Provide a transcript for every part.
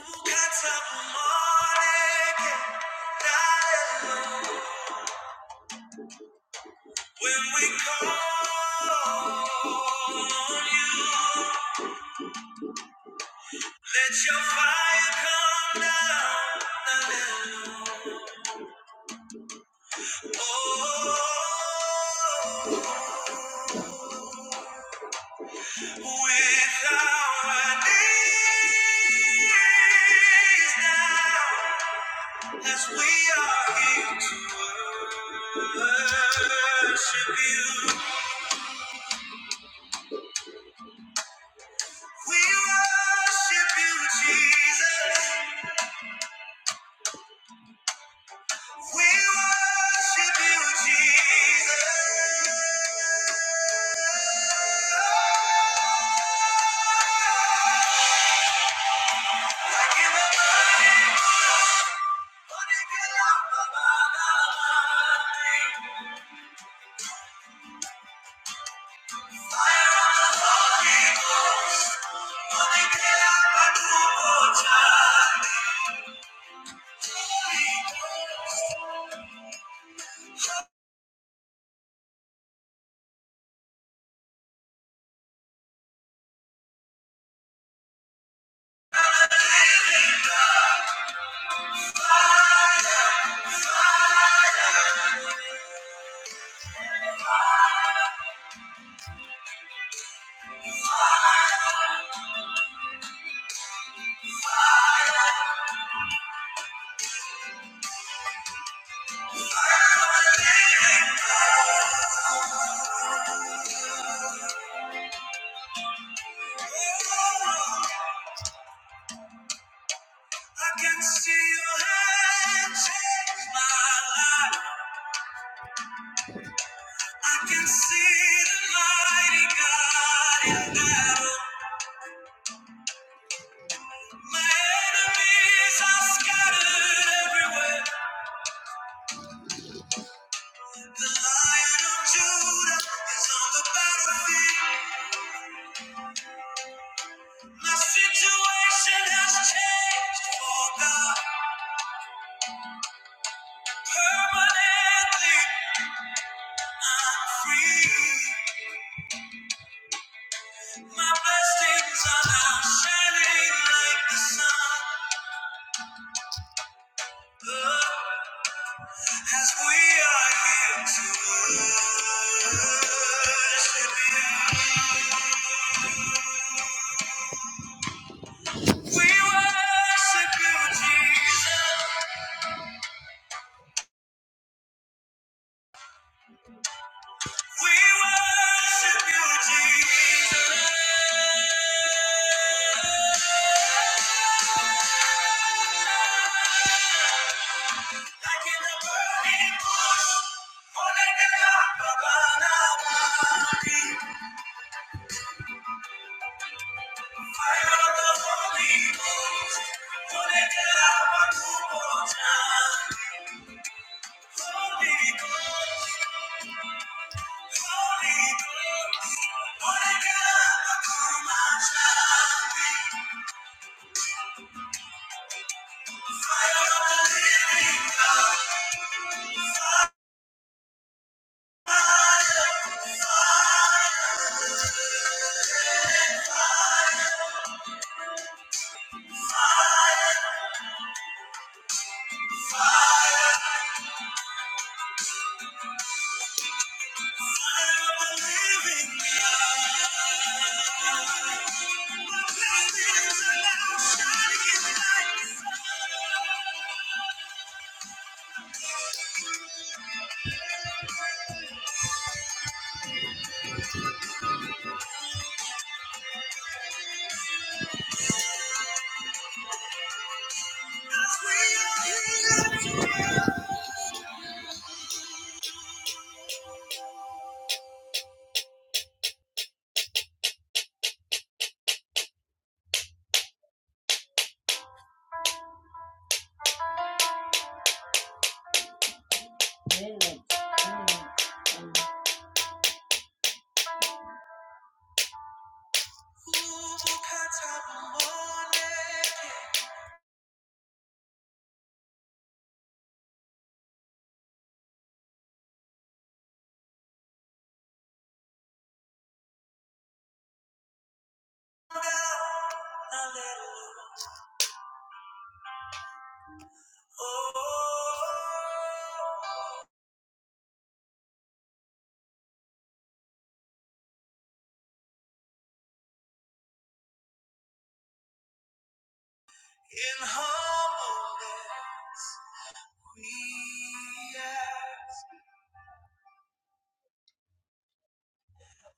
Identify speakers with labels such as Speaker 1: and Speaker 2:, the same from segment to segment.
Speaker 1: When we call on you, let your fire come down. Hallelujah. Oh, Jesus. I can see your hand change my life. I can see the mighty God in battle. My enemies are scattered everywhere. The Lion of Judah is on the battlefield. My situation has changed for God permanently. free. My blessings are now shining like the sun. Look, as we are here to worship you. We worship you, Jesus. We worship you, Jesus. Like in a burning bush, holding it up above our bodies. Hallelujah. Oh, in humbleness we ask.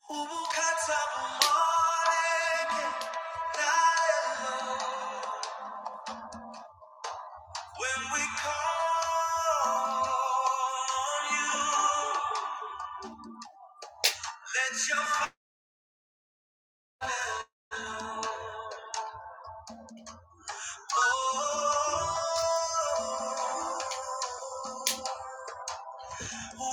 Speaker 1: Ukatsabumaleke, Thou alone. When we call on you, let your fire. Oh, Thank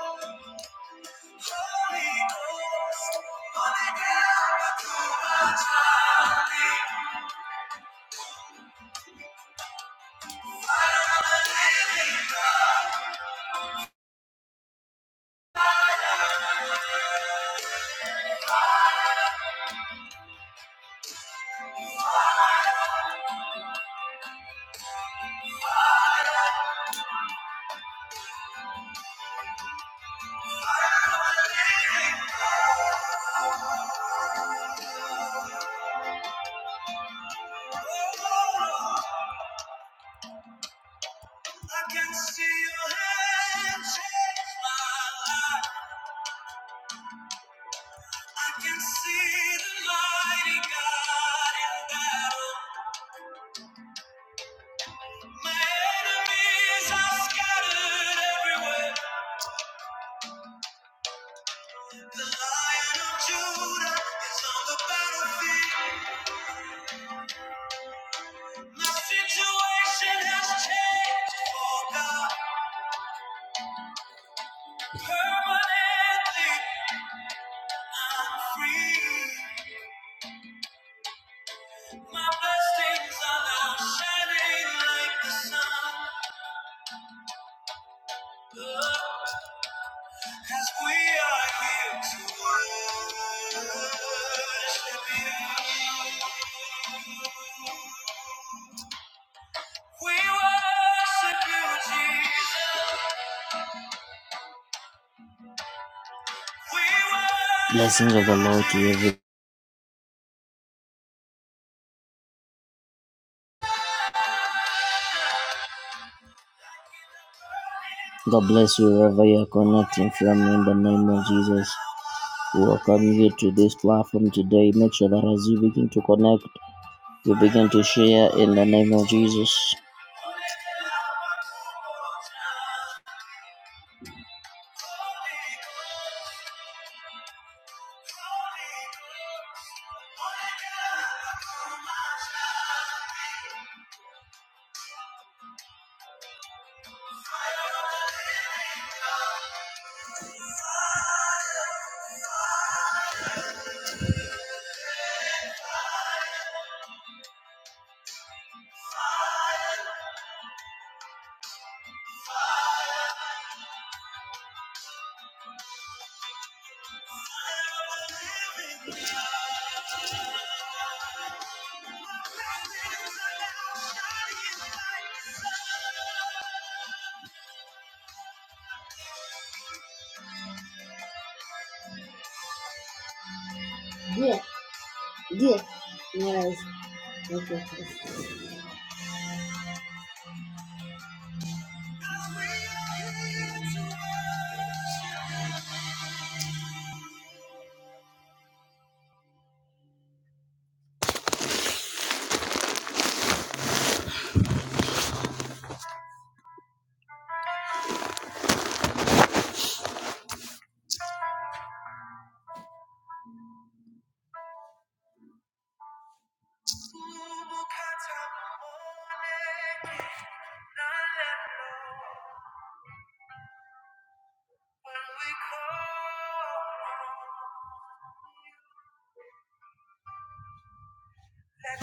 Speaker 1: you. I can see your hand change my life. I can see the mighty God in battle. My enemies are scattered everywhere. The lion of Judah is on the battlefield. My situation has changed, oh God, permanently. I'm free. My blessings are now shining like the sun. Oh, As we are here to worship you. We worship you, Jesus. We worship you. Blessings of the Lord to everyone. God bless you wherever you are connecting from in the name of Jesus. welcome you to this platform today. Make sure that as you begin to connect, you begin to share in the name of Jesus.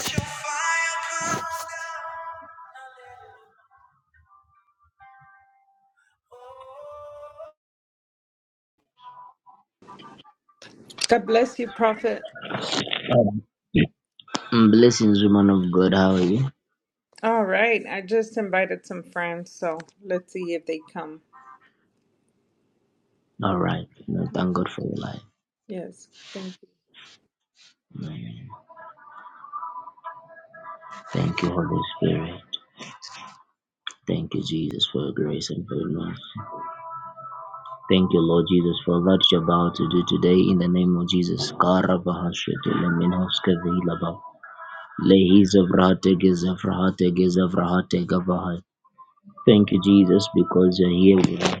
Speaker 1: let your fire come
Speaker 2: God bless you, Prophet.
Speaker 1: down. Mm, Blessings, woman of God. How are you?
Speaker 2: All right. I just invited some friends, so let's see if they come.
Speaker 1: All right. No, thank God for your life.
Speaker 2: Yes. Thank you.
Speaker 1: Mm. Thank you, Holy Spirit. Thank you, Jesus, for your grace and for your mercy. Thank you, Lord Jesus, for what you're about to do today in the name of Jesus. Karabahashete leminhoske vilaba. Lehizavrahate gezefrahate Thank you, Jesus, because you're here with us.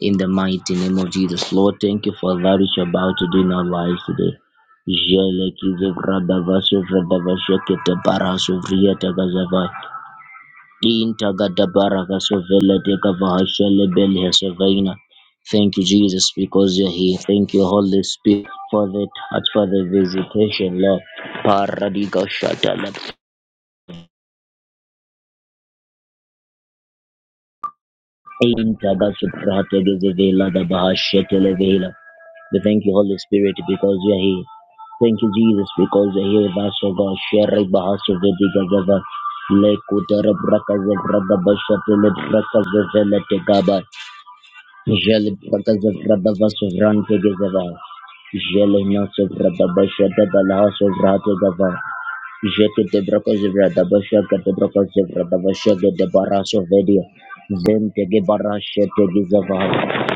Speaker 1: In the mighty name of Jesus, Lord, thank you for that which you're about to do in our lives today. Jele kize vrada vaso vrada vaso kete bara so vria taga zava. In taga da bara vaso vele teka vaha shele bele heso vaina. Thank you, Jesus, because you're here. Thank you, Holy Spirit, for the touch, for the visitation, Lord. Paradiga shata Inta basuprate gezevela da bahashetelevela. We thank you, Holy Spirit, because you are here. Thank you, Jesus, because you are here with us, O God. Sherry Bahasu Vedigazava. Lekutara Brakazavra Bashatele Brakazavela Tegaba. Jele Brakazavra Vasuvran Tegazava. Jele Nasavra Bashata Jete de Bracozevra, the Bashaga de Bracozevra, The Jekedebrakozevra Dabashaka Debrakozevra Dabashaka Debarasovedia. Ventegebarashetegizavaha.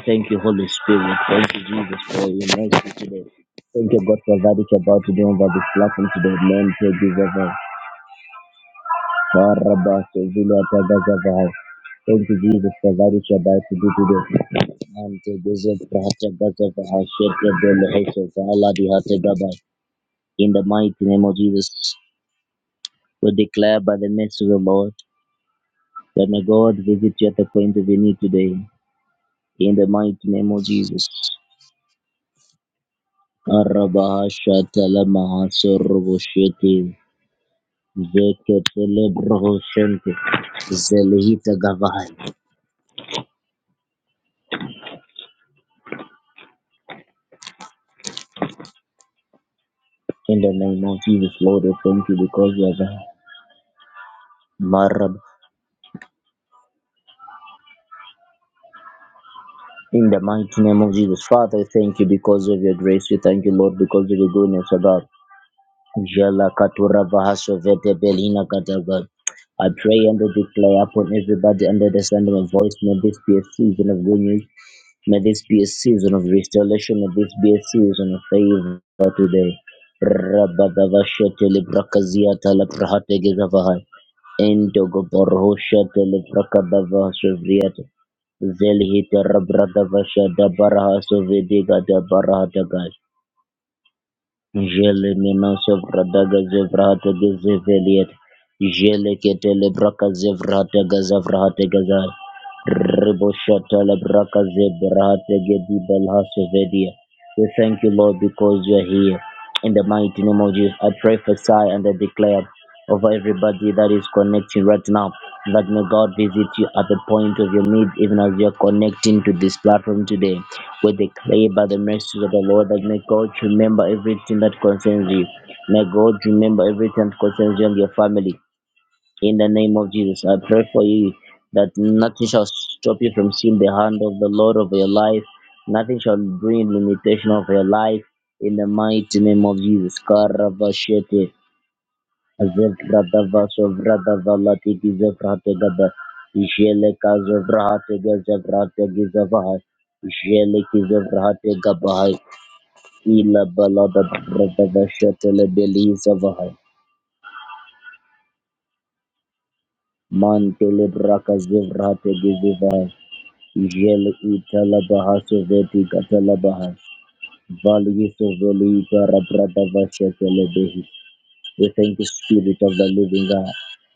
Speaker 1: Thank you, Holy Spirit. Thank you, Jesus, for your mercy today. Thank you, God, for that which you're about to do over this platform today. Man, Tegizavaha. Barabasoviliatagazavaha. Thank you, Jesus, for that which you're about to do today. Man, Tegizavahatagazavaha. Shekedelehesezaladihatagaba. In the mighty name of Jesus. We declare by the mercy of the Lord that may God visit you at the point of your need today. In the mighty name of Jesus. Arabahashatalamahasoroboshethi, zeketelebrohoshente, zelihita gavai. In the name of Jesus, Lord, we thank you because you are there. Marab. In the mighty name of Jesus, Father, we thank you because of your grace. We thank you, Lord, because of your goodness, O God. Jala katura vahaso vete belina katava. I pray and I declare upon everybody under the sound of my voice, may this be a season of good news, may this be a season of restoration, may this be a season of favor today. Rabadavashete librakazia talaprahate gizavahai. Indogo borhosha telebrakadava sovriata. Zelhita rabradava shada baraha sovediga da barahatagai. Jele minoso vradaga zevrahate gezeveliet. Jele ketele braka zevrahate gazavrahate gazar. Jelemenosevradagazevrahategezeveliet. Jeleketelebrakazevrahadegazavrahategazai. Riboshataleprakazevrahategedibelhasevedia. We thank you, Lord, because you are here. In the mighty name of Jesus, I pray for Sai and I declare over everybody that is connecting right now that may God visit you at the point of your need, even as you are connecting to this platform today. We declare by the mercies of the Lord that may God remember everything that concerns you. May God remember everything that concerns you and your family. In the name of Jesus, I pray for you that nothing shall stop you from seeing the hand of the Lord over your life. Nothing shall bring limitation over your life. In the mighty name of Jesus. Karavashete. Zevradavasovradavalatiki zevrategaba. Isheleka zovrahategezevrahategezevahai. Isheleki zovrahategabahai. Ila balada bradavashetele belizavahai. Mantele braka zevrategezevahai. Jele itala bahaso veti katala bahas. Valiso velita rabrata vashekele We thank you, Spirit of the Living God.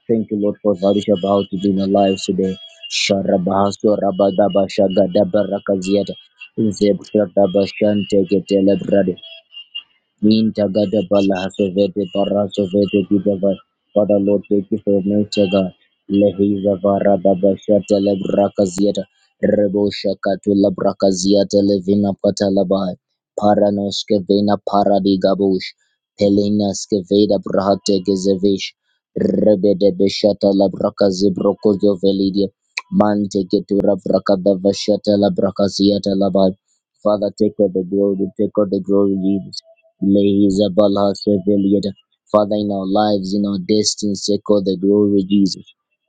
Speaker 1: Thank you, Lord, for Valisha about to be in our lives today. Sharabahaso rabadaba shagada barakaziata. Zebrata bashante Ninja Gada Bala Hasavete Barasa Vete Kidava. Father Lord, thank you for Ninja God. Lehiza Vara Baba Shata Lebraka Zieta. Rebo Shakatu Labraka Zieta Levina Patalabai. Paranos Kevena Paradigabush. Pelina Skeveda Brahate Gezevish. Rebe de Beshata Labraka Zibrokozo Velidia. Mante Ketura Braka Bava Shata Labraka Labai. Father, take all the glory, take all the glory, Jesus. Lehizabala Seveliada. Father, in our lives, in our destinies, echo the glory, Jesus.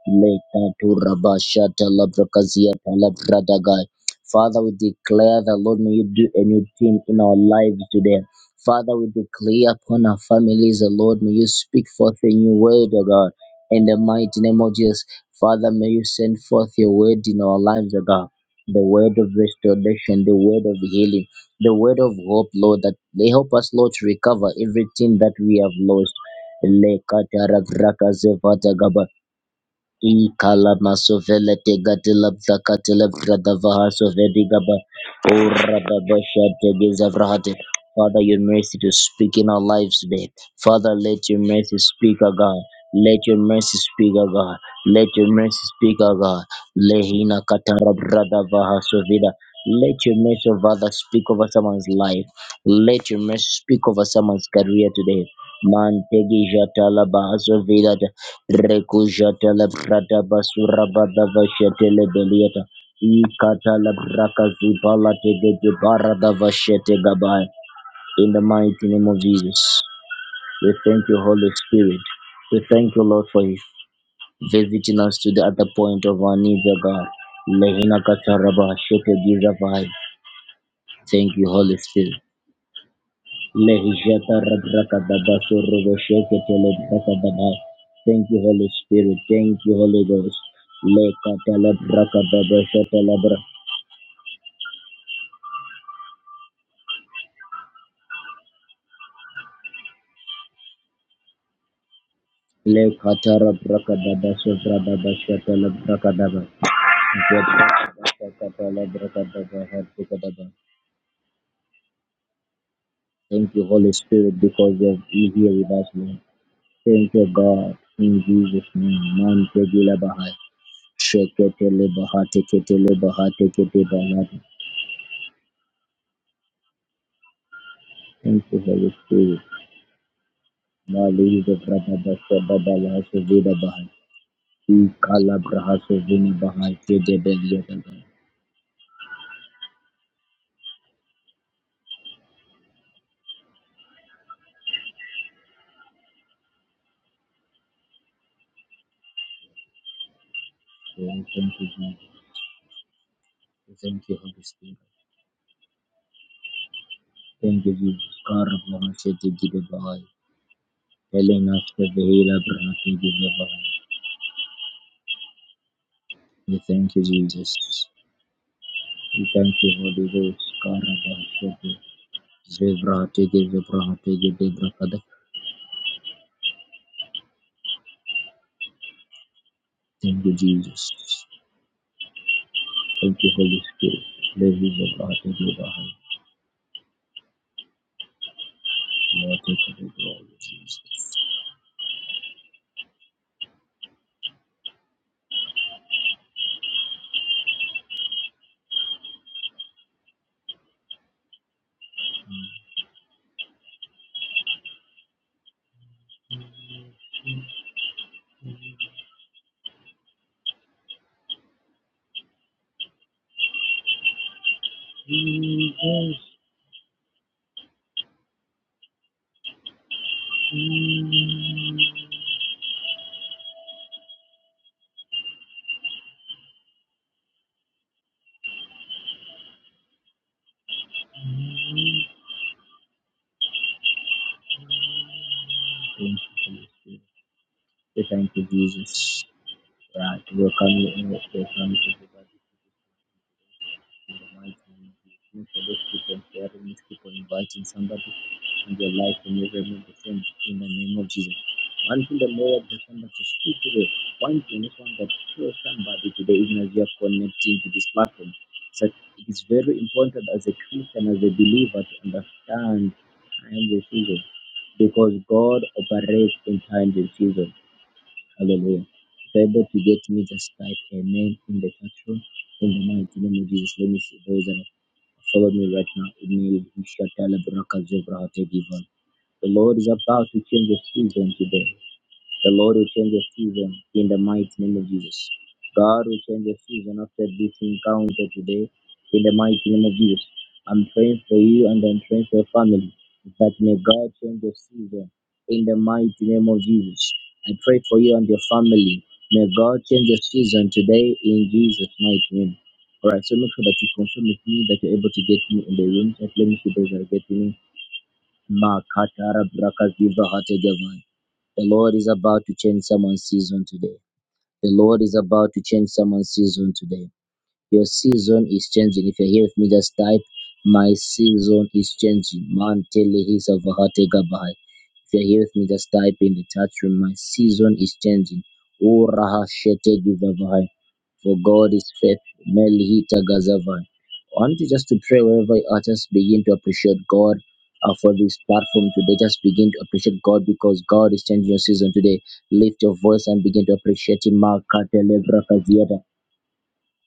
Speaker 1: Lekaturabashata labrakazia palabradagai. Father, we declare that, Lord, may you do a new thing in our lives today. Father, we declare upon our families, the Lord, may you speak forth a new word, O God. In the mighty name of Jesus, Father, may you send forth your word in our lives, O God. The word of restoration, the word of healing the word of hope, Lord, that they help us, Lord, to recover everything that we have lost. Lekatarakrakazevata gaba. Ikala masovele tegatela zakatela bradavaha sovedigaba urababashate gizavrahate. Father, your mercy to speak in our lives today. Father, let your mercy speak, O God. Let your mercy speak, O God. Let your mercy speak, O God. Lehina katara bradavaha sovida. Let your mercy of others speak over someone's life. Let your mercy speak over someone's career today. Man tegi jatala bahasovida. Rekujata la brada basura bada vashete le belieta. Ikata la braka zibala tege de barada vashete gabai. In the mighty name of Jesus, we thank you, Holy Spirit. We thank you, Lord, for visiting us to the other point of our needs, O God. Lehina kataraba shete gizavai. Thank you, Holy Spirit. Lehijata rabraka daba Thank you, Holy Spirit. Thank you, Holy Ghost. Le katala braka daba shata labra. Le katara braka daba sovra daba shata la braka Thank you, Holy Spirit, because you are here with us, Lord. Thank you, God. In Jesus' name, man tegila bahai. Shekete le bahate kete le bahate kete bahate. Thank you, Holy Spirit. Malida Brababa Sababa Lahasu Vida Bahai. He Kala Brahasu Vina Bahai. He Debelia Bahai. Thank you, Jesus. Thank you, Holy Spirit. Thank you, Jesus. Kara Brahasu Vida Bahai. Helena Sevilla Brahasu Vida Bahai. We thank you, Jesus. We thank you, Holy Ghost. Kara Brahasu Vida. Zebra Tege Zebra Tege Debra Kada. Thank you, Jesus. Thank you, Holy Spirit. Praise the Lord, thank you, Bahai. Lord, take over glory, Jesus. Thank you, Holy Spirit. We Thank you, Jesus. Right, welcome you in. the Welcome everybody. in the mighty name of Jesus. Minister, keep on sharing, keep on inviting somebody in your life and never remove the same in the name of Jesus. One thing the Lord has come to speak today, one thing is one that shows somebody today, even as you are connecting to this platform. So it is very important as a Christian, as a believer, to understand time and season because God operates in time and season. Hallelujah. If you're able to get me, just type amen in the chat room. In the mighty name of Jesus, let me see those that have followed me right now. Email, Isha, Taleb, Raka, Zebra, Hategi, Von. The Lord is about to change the season today. The Lord will change the season in the mighty name of Jesus. God will change the season after this encounter today in the mighty name of Jesus. I'm praying for you and I'm praying for your family that may God change the season in the mighty name of Jesus. I pray for you and your family. May God change the season today in Jesus' mighty name. All right, so make sure that you confirm with me that you're able to get me in the room. Just let me see those that are getting me. Makatara brakaziva hategevai. The Lord is about to change someone's season today. The Lord is about to change someone's season today. Your season is changing. If you're here with me, just type my season is changing. Man tell telehis of Hatega Baha'i. If you're here with me, just type in the chat room. My season is changing. O Raha Shete Givavai. For God is faithful. Melihita Gazavai. I want you just to pray wherever you are. Just begin to appreciate God uh, for this platform today. Just begin to appreciate God because God is changing your season today. Lift your voice and begin to appreciate Him.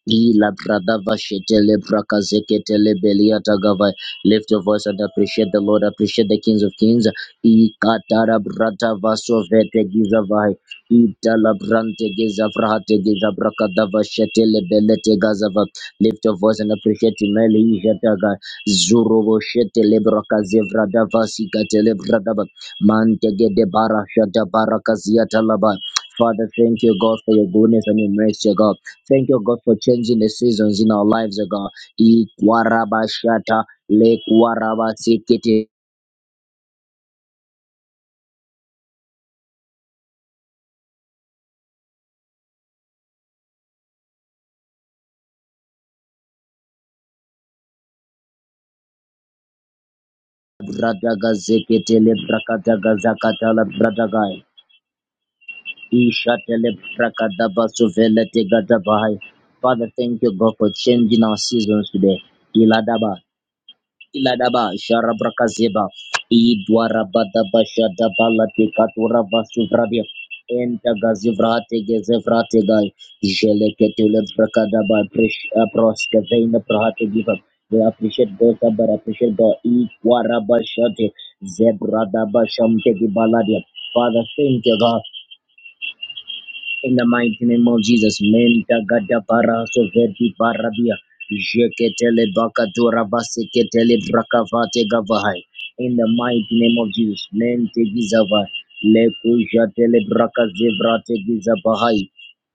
Speaker 1: Ila Pradava Shetele braka Prakazeketele Beliata Gavai. Lift your voice and appreciate the Lord, appreciate the Kings of Kings. Ikatara Brata Vaso Vete Gizavai. Itala Brante Giza Frahate Giza Brakadava Shetele Belete Gazava. Lift your voice and appreciate Meli Jataga. Zurovo Shetele Brakazevradava bradava. Bradaba. Mantegede Bara Shata Barakaziatalaba. Father, thank you, God, for your goodness and your mercy, God. Thank you, God, for changing the seasons in our lives, O God. Ikwarabashata, lekwarabasikiti, bradagazikiti, lebrakadagazakata, lebradagai. Ishata, lebrakadabasuvelete, gadabai. Father, thank you, God, for changing our seasons today. Iladaba. iladaba sharabrakazeba idwarabadabashadabalatekaturabasuvrabia entagazivrategezevrategai jeleketulebrakadaba proskeveina prahategiva We appreciate God, sir, but appreciate God. Ikwarabashate, zebradabashamtegibaladi. Father, thank you, God. In the mighty name of Jesus, Menta Gada Paraso Verdi Barabia, Jeketele Bakatura Baseketele Brakavate Gavahai. In the mighty name of Jesus, Mente Gizava, Lekujatele Brakazevrate Gizabahai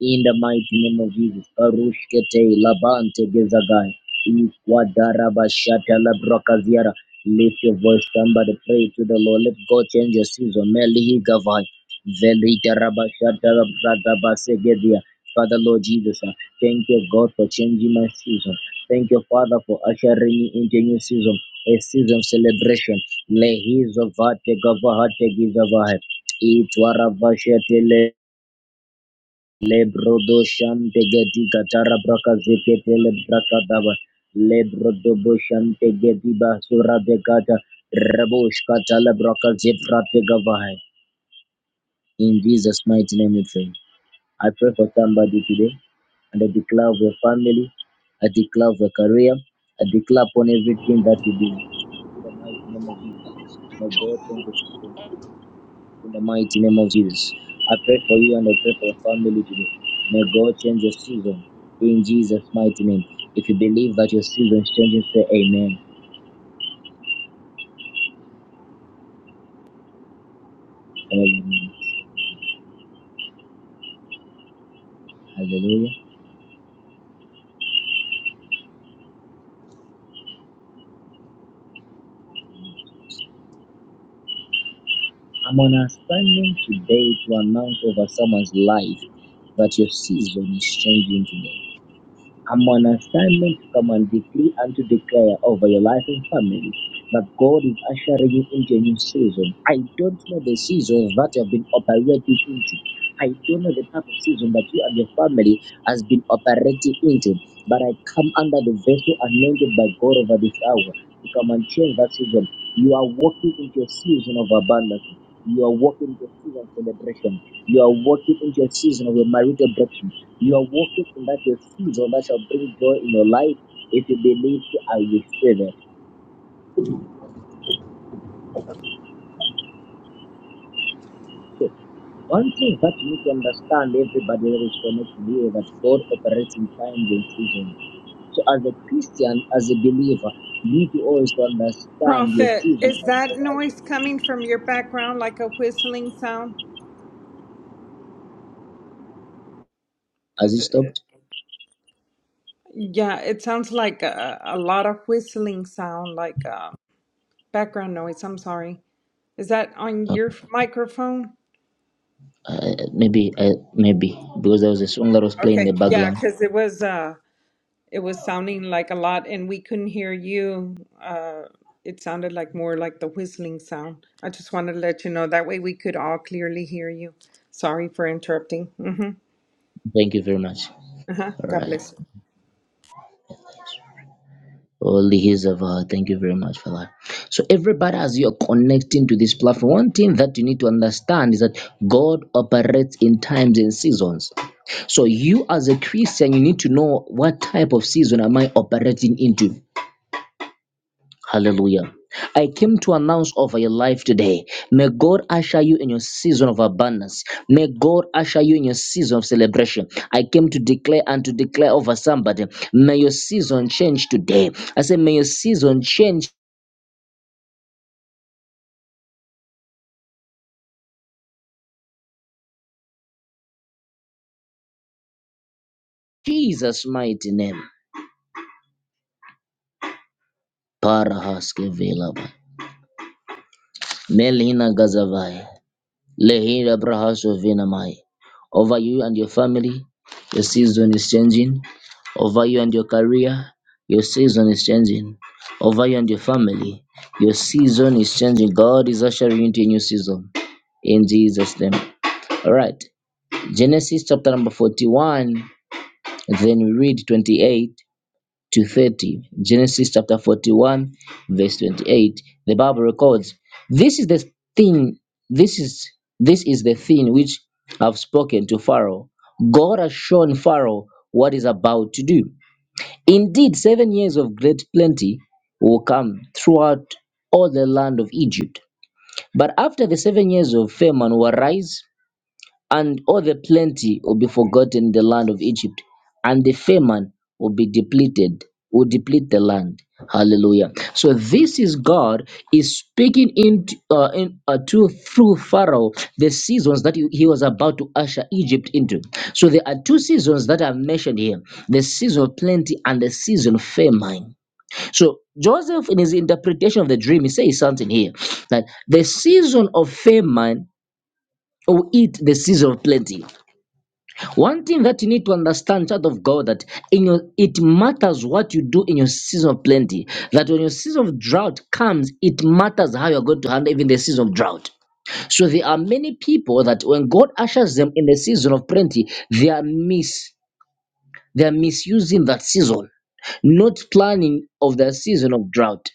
Speaker 1: in the mighty name of Jesus. Arushkete labante gezagai. Ikwadarabashata labrakaziara. Lift your voice, somebody pray to the Lord. Let God change your season. Melihi gavai. Velita rabashata labrakabasegedia. Father Lord Jesus, uh, thank you God for changing my season. Thank you Father for ushering me into a new season, a season of celebration. Lehizovate gavahate gizavai. Itwarabashate le. Lebrodo shante gedi gatara braka zekete le braka daba. Lebrodo bo shante gedi basura de gata. Rabosh kata le braka zeprate gavahai. In Jesus' mighty name we pray. I pray for somebody today and I declare of your family. I declare of your career. I declare upon everything that you do. In the mighty name of Jesus. May
Speaker 3: scripture
Speaker 1: God change the situation. today in the mighty name of Jesus. I pray for you and I pray for your family today. May God change your season in Jesus' mighty name. If you believe that your season is changing, say amen. Hallelujah. Hallelujah. I'm on assignment today to announce over someone's life that your season is changing today I'm on assignment to come and decree and to declare over your life and family that God is ushering you into a new season. I don't know the seasons that you have been operating into. I don't know the type of season that you and your family has been operating into, but I come under the vessel anointed by God over this hour to come and change that season. You are walking into a season of abundance. You are walking into a season of celebration. You are walking into a season of a marital breakthrough. You are walking in that your season that shall bring joy in your life if you believe you are receiving. One thing that you need to understand, everybody that is connected here, that God operates in times and seasons. So as a Christian, as a believer, you need to always understand your
Speaker 2: Prophet,
Speaker 1: season.
Speaker 2: is
Speaker 1: that
Speaker 2: that
Speaker 1: God Has
Speaker 2: noise coming from your background like a whistling sound?
Speaker 1: Has
Speaker 2: Because,
Speaker 1: it stopped?
Speaker 2: yeah, it sounds like a, a lot of whistling sound, like uh, background noise. I'm sorry. Is that on
Speaker 1: Uh,
Speaker 2: your microphone?
Speaker 1: uh, maybe, uh, maybe because there was a song that was playing in the
Speaker 2: Okay. Yeah,
Speaker 1: background.
Speaker 2: because it was. uh, It was sounding like a lot, and we couldn't hear you. Uh, it sounded like more like the whistling sound. I just wanted to let you know that way we could all clearly hear you. Sorry for interrupting. hmm
Speaker 1: Thank you very much.
Speaker 2: Uh-huh.
Speaker 1: All
Speaker 2: God
Speaker 1: right.
Speaker 2: bless. you,
Speaker 1: All the hills of God. Thank you very much for that. So, everybody, as you're connecting to this platform, one thing that you need to understand is that God operates in times and seasons. So, you as a Christian, you need to know what type of season am I operating into. Hallelujah. I came to announce over your life today. May God usher you in your season of abundance. May God usher you in your season of celebration. I came to declare and to declare over somebody. May your season change today. I say, may your season change. Jesus' mighty name. Parahaske Velaba. Melina Gazavaya. Lehira Brahas of Venamai. Over you and your family, your season is changing. Over you and your career, your season is changing. Over you and your family, your season is changing. God is ushering you into a new season. In Jesus' name. All right. Genesis chapter number 41. Then we read 28 to 30. Genesis chapter 41, verse 28. The Bible records, This is the thing, this is this is the thing which I've spoken to Pharaoh. God has shown Pharaoh what is about to do. Indeed, seven years of great plenty will come throughout all the land of Egypt. But after the seven years of famine will arise and all the plenty will be forgotten in the land of Egypt, and the famine will be depleted, will deplete the land. Hallelujah. So this is God is speaking in uh, in, uh, to through Pharaoh the seasons that he, he was about to usher Egypt into. So there are two seasons that I've mentioned here: the season of plenty and the season of famine. So Joseph, in his interpretation of the dream, he says something here that the season of famine will eat the season of plenty. One thing that you need to understand, child of God, that in your it matters what you do in your season of plenty. That when your season of drought comes, it matters how you're going to handle even the season of drought. So there are many people that when God ushers them in the season of plenty, they are mis they are misusing that season, not planning of the season of drought.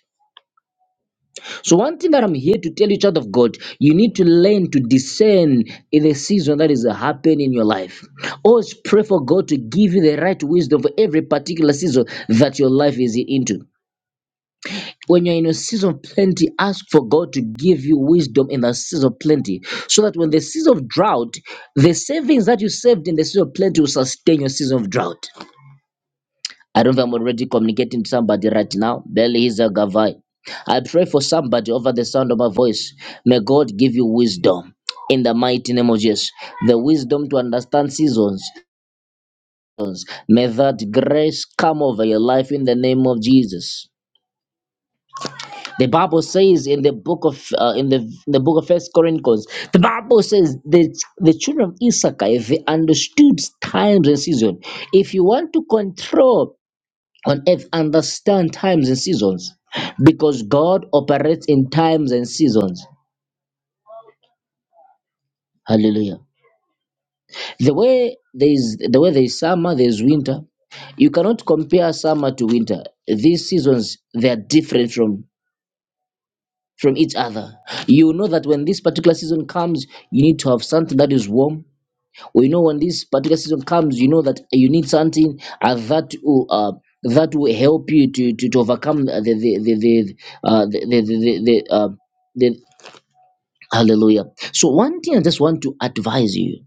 Speaker 1: So, one thing that I'm here to tell you, child of God, you need to learn to discern in the season that is happening in your life. Always pray for God to give you the right wisdom for every particular season that your life is into. When you're in a season of plenty, ask for God to give you wisdom in the season of plenty so that when the season of drought, the savings that you saved in the season of plenty will sustain your season of drought. I don't know if I'm already communicating to somebody right now. Beliza Gavai. I pray for somebody over the sound of my voice. May God give you wisdom in the mighty name of Jesus. The wisdom to understand seasons. May that grace come over your life in the name of Jesus. The Bible says in the book of uh, in the in the book of First Corinthians, the Bible says the the children of Issachar if they understood times and season. If you want to control on earth understand times and seasons because God operates in times and seasons. Hallelujah. The way there is the way there is summer, there is winter. You cannot compare summer to winter. These seasons they are different from from each other. You know that when this particular season comes, you need to have something that is warm we know when this particular season comes you know that you need something uh, that will uh, that will help you to to, to overcome the the the the, uh, the, the, the, the, uh, the Hallelujah. So, one thing I just want to advise you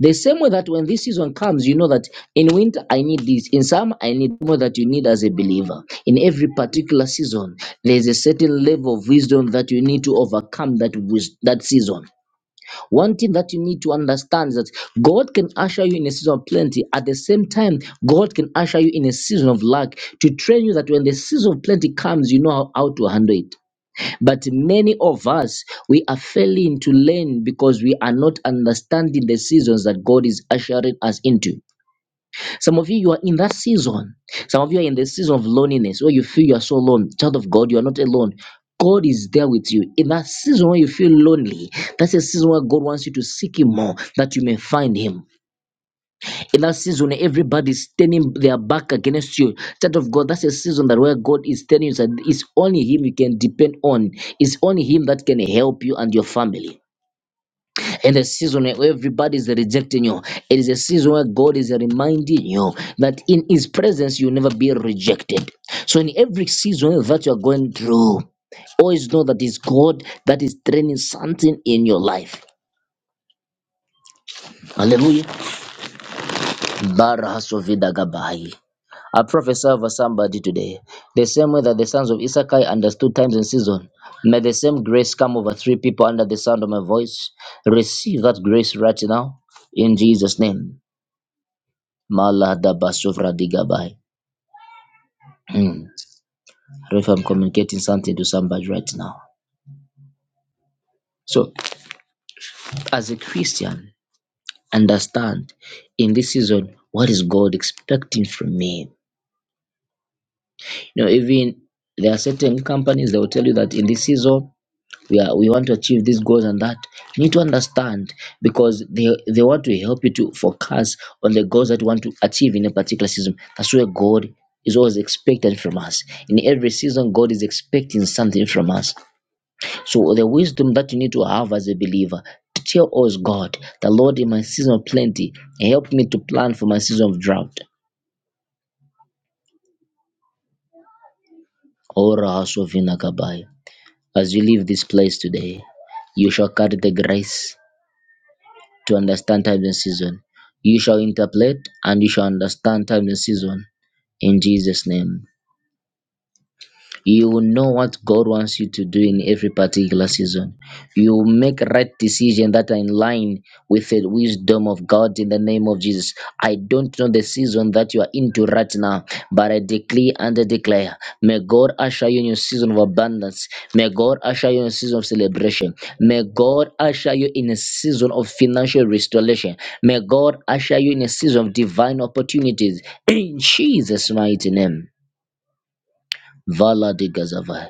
Speaker 1: the same way that when this season comes, you know that in winter I need this, in summer I need more that you need as a believer. In every particular season, there is a certain level of wisdom that you need to overcome that wis- that season. One thing that you need to understand is that God can usher you in a season of plenty. At the same time, God can usher you in a season of lack to train you that when the season of plenty comes, you know how, how to handle it. But many of us, we are failing to learn because we are not understanding the seasons that God is ushering us into. Some of you, you are in that season. Some of you are in the season of loneliness where you feel you are so alone. Child of God, you are not alone. God is there with you. In that season where you feel lonely, that's a season where God wants you to seek Him more, that you may find Him. In that season, where everybody is turning their back against you. Child of God, that's a season that where God is telling you that it's only Him you can depend on. It's only Him that can help you and your family in the season where everybody's rejecting you it is a season where god is reminding you that in his presence you'll never be rejected so in every season that you're going through always know that it's god that is training something in your life hallelujah Barahasovidagabai. I prophesy over somebody today. The same way that the sons of Issachar understood times and season, may the same grace come over three people under the sound of my voice. Receive that grace right now in Jesus' name. Maladabasovra digabai. Hmm. If I'm communicating something to somebody right now. So, as a Christian, understand in this season what is God expecting from me. You know, even there are certain companies that will tell you that in this season we are we want to achieve these goals and that. You need to understand because they they want to help you to focus on the goals that you want to achieve in a particular season. That's where God is always expecting from us. In every season, God is expecting something from us. So the wisdom that you need to have as a believer to tell us, God, the Lord in my season of plenty, help me to plan for my season of drought. Ora hasovina kabaya. As you leave this place today, you shall carry the grace to understand times and season. You shall interpret and you shall understand times and season in Jesus' name. You will know what God wants you to do in every particular season. You will make right decisions that are in line with the wisdom of God in the name of Jesus. I don't know the season that you are into right now, but I declare and I declare, may God usher you in a season of abundance. May God usher you in a season of celebration. May God usher you in a season of financial restoration. May God usher you in a season of divine opportunities. In Jesus' mighty name. Vala de Gazavai.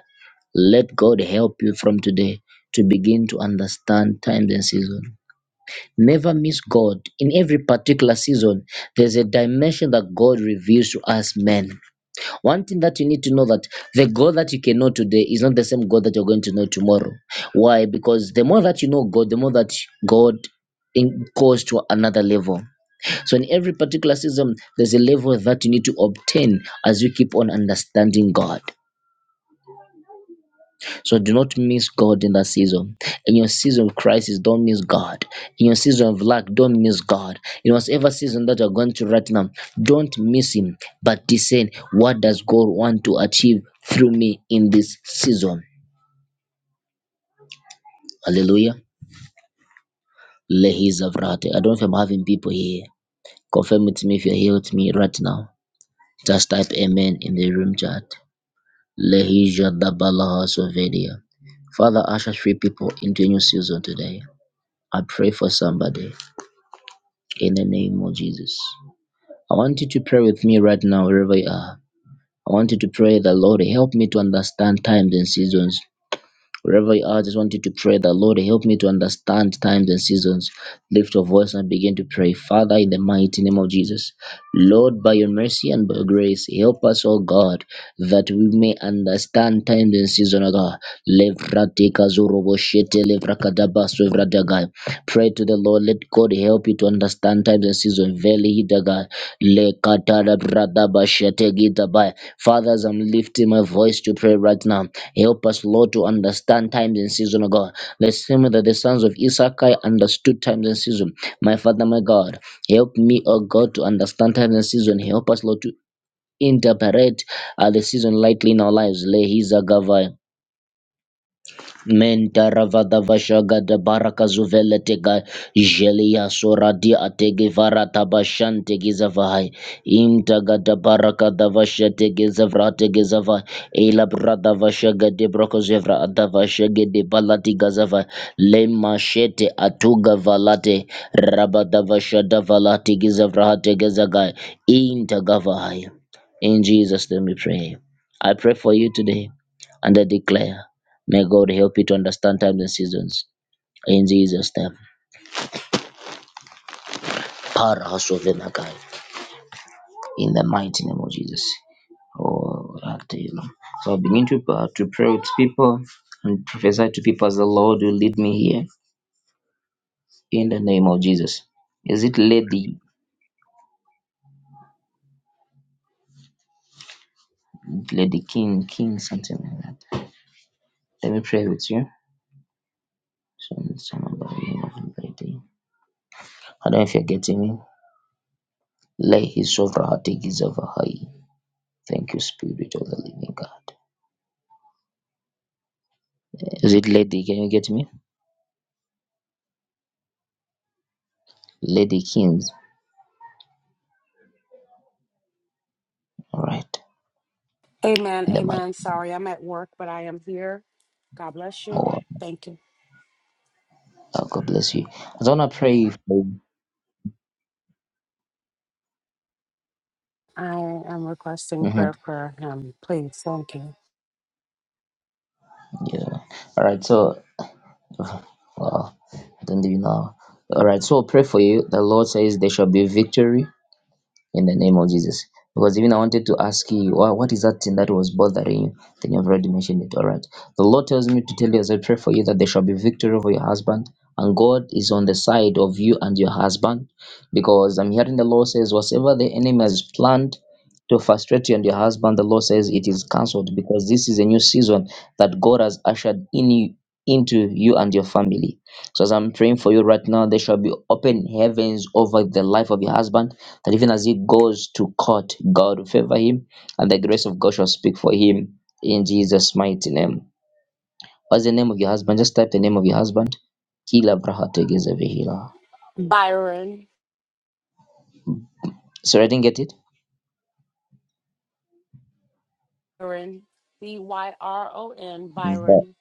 Speaker 1: Let God help you from today to begin to understand times and seasons. Never miss God. In every particular season, there's a dimension that God reveals to us men. One thing that you need to know that the God that you can know today is not the same God that you're going to know tomorrow. Why? Because the more that you know God, the more that God in, goes to another level. So in every particular season, there's a level that you need to obtain as you keep on understanding God. So do not miss God in that season. In your season of crisis, don't miss God. In your season of lack, don't miss God. In whatever season that you're going through right now, don't miss Him, but discern what does God want to achieve through me in this season. Hallelujah. Lehi Zavrate. I don't know if I'm having people here. Confirm with me if you're here with me right now. Just type Amen in the room chat. Lehi Jadabalaha Sovedia. Father, usher three people into a new season today. I pray for somebody. in the name of Jesus. I want you to pray with me right now, wherever you are. I want you to pray that Lord help me to understand times and seasons. Wherever you are, I just want you to pray that Lord help me to understand times and seasons. Lift your voice and begin to pray. Father, in the mighty name of Jesus, Lord, by your mercy and by your grace, help us, O God, that we may understand times and seasons, O God. Pray to the Lord. Let God help you to understand times and seasons. Veli Hidaga. Le Katara Bradaba Shetegidabaya. Father, as I'm lifting my voice to pray right now, help us, Lord, to understand times and seasons, O God. The same way that the sons of Issachar understood times and seasons. My Father, my God, help me, O God, to understand times and seasons. Help us, Lord, to interpret uh, the season lightly in our lives. Le Menta ravada vashaga da baraka zuveletega jelia soradi atege varata bashante gizavai intaga da baraka da vashate gizavrate gizavai ela brada vashaga de broko zevra da vashage de balati gazavai le mashete atuga valate rabada vashada valati gizavrate gizagai intaga in Jesus name we pray I pray for you today and I declare May God help you to understand times and seasons. In Jesus' name. Para hasovenagai. In the mighty name of Jesus. Oh, after you. So I begin to, uh, to pray with people and prophesy to people as the Lord will lead me here. In the name of Jesus. Is it Lady Lady King King something like that? Let me pray with you. Some- some of the name of Lady. I don't know if you're getting me. Lay his over her, take his over her. Thank you, Spirit of the Living God. Is it Lady? Can you get me? Lady Kings. All right.
Speaker 4: Amen.
Speaker 1: In the mic.
Speaker 4: Amen. Sorry, I'm at work, but I am here. God bless
Speaker 1: Oh,
Speaker 4: you.
Speaker 1: wow.
Speaker 4: Thank you.
Speaker 1: Oh, God bless you. I don't want to pray for
Speaker 4: I am requesting
Speaker 1: hmm
Speaker 4: prayer for him. Please. Thank you.
Speaker 1: Yeah. All right. So, wow. I Don't even know. All right. So, I'll pray for you. The Lord says there shall be victory in the name of Jesus. Because even I wanted to ask you, "Wha- what is that thing that was bothering you? Then you've already mentioned it. All right. The Lord tells me to tell you as I pray for you that there shall be victory over your husband. And God is on the side of you and your husband. Because I'm hearing the Lord says, whatever the enemy has planned to frustrate you and your husband, the Lord says it is cancelled. Because this is a new season that God has ushered in you, into you and your family. So as I'm praying for you right now, there shall be open heavens over the life of your husband that even as he goes to court, God will favor him and the grace of God shall speak for him in Jesus' mighty name. What's the name of your husband? Just type the name of your husband. Kila Brahategezevihila.
Speaker 4: Byron.
Speaker 1: Sorry, I didn't get it.
Speaker 4: Byron. B Y R O N. Byron. Byron.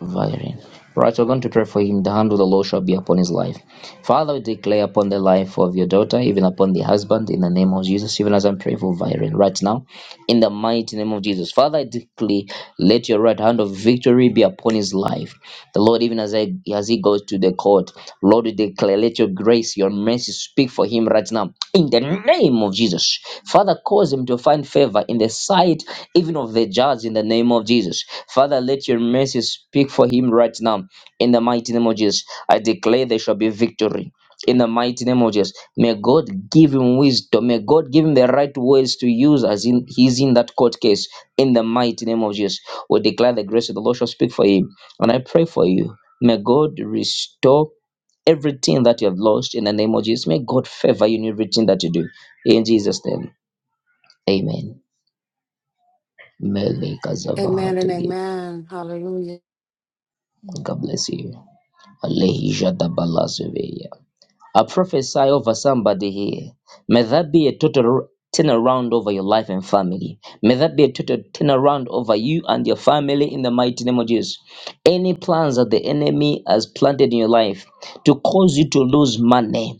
Speaker 1: Violin. Right, we're going to pray for him. The hand of the Lord shall be upon his life. Father, we declare upon the life of your daughter, even upon the husband, in the name of Jesus, even as I'm praying for Viren right now, in the mighty name of Jesus. Father, I declare, let your right hand of victory be upon his life. The Lord, even as, I, as he goes to the court, Lord, we declare, let your grace, your mercy speak for him right now, in the name name of Jesus. Father, cause him to find favor in the sight even of the judge in the name of Jesus. Father, let your mercy speak for him right now in the mighty name of Jesus. I declare there shall be victory. In the mighty name of Jesus, may God give him wisdom. May God give him the right words to use as in he's in that court case. In the mighty name of Jesus, we declare the grace of the Lord shall speak for him. And I pray for you. May God restore everything that you have lost in the name of Jesus. May God favor you in everything that you do. In Jesus' name, amen. Mele
Speaker 4: Amen and
Speaker 1: Kazavahatege.
Speaker 4: amen. Hallelujah.
Speaker 1: God bless you. Alehisha Dabalazuveya. I prophesy over somebody here. May that be a total turnaround over your life and family. May that be a total turnaround over you and your family in the mighty name of Jesus. Any plans that the enemy has planted in your life to cause you to lose money,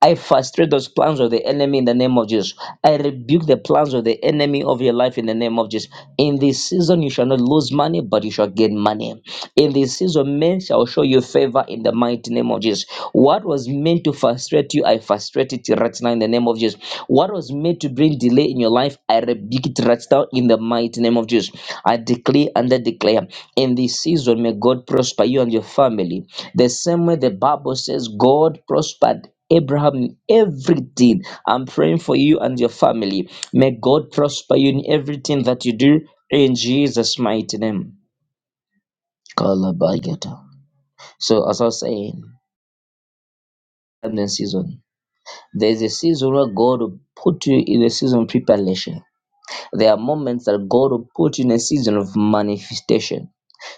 Speaker 1: I frustrate those plans of the enemy in the name of Jesus. I rebuke the plans of the enemy of your life in the name of Jesus. In this season, you shall not lose money, but you shall gain money. In this season, men shall show you favor in the mighty name of Jesus. What was meant to frustrate you, I frustrate it right now in the name of Jesus. What was meant to bring delay in your life, I rebuke it right now in the mighty name of Jesus. I declare and I declare in this season, may God prosper you and your family. The same way the Bible says, God prospered Abraham in everything. I'm praying for you and your family. May God prosper you in everything that you do in Jesus' mighty name. Kalabagata. So, as I was saying, in the season, there's a season where God will put you in a season of preparation. There are moments that God will put you in a season of manifestation.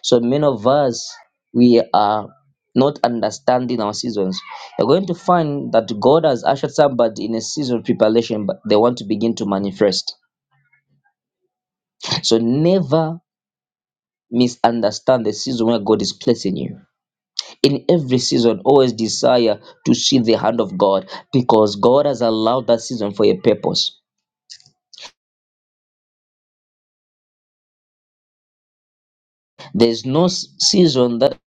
Speaker 1: So many of us, we are not understanding our seasons. You're going to find that God has ushered somebody in a season of preparation, but they want to begin to manifest. So never misunderstand the season where God is placing you. In every season, always desire to see the hand of God because God has allowed that season for a purpose. There's no s- season that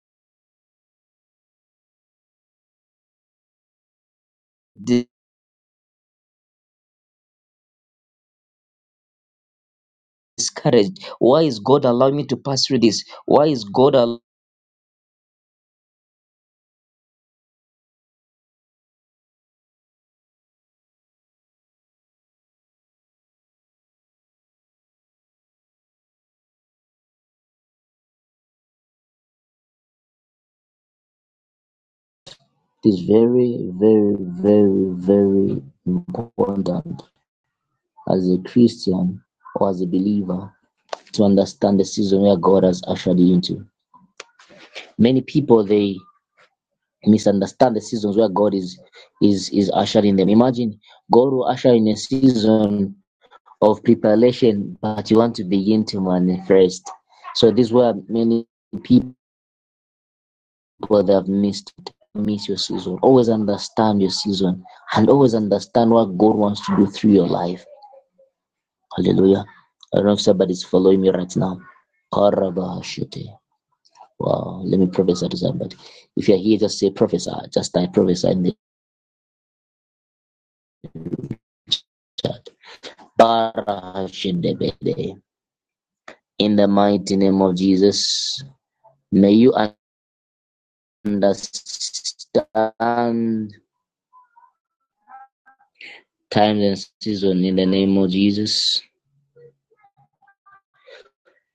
Speaker 1: discouraged. Why is God allowing me to pass through this? Why is God allowing It is very, very, very, very important as a Christian or as a believer to understand the season where God has ushered you into. Many people they misunderstand the seasons where God is is is ushering them. Imagine God will usher in a season of preparation, but you want to begin to manifest. So this is where many people whether I've missed it. Miss your season. Always understand your season and always understand what God wants to do through your life. Hallelujah. I don't know if somebody's following me right now. Wow. Let me prophesy to somebody. If you're here, just say prophesy. Just type prophesy in the chat. In the mighty name of Jesus, may you understand time and season in the name of Jesus.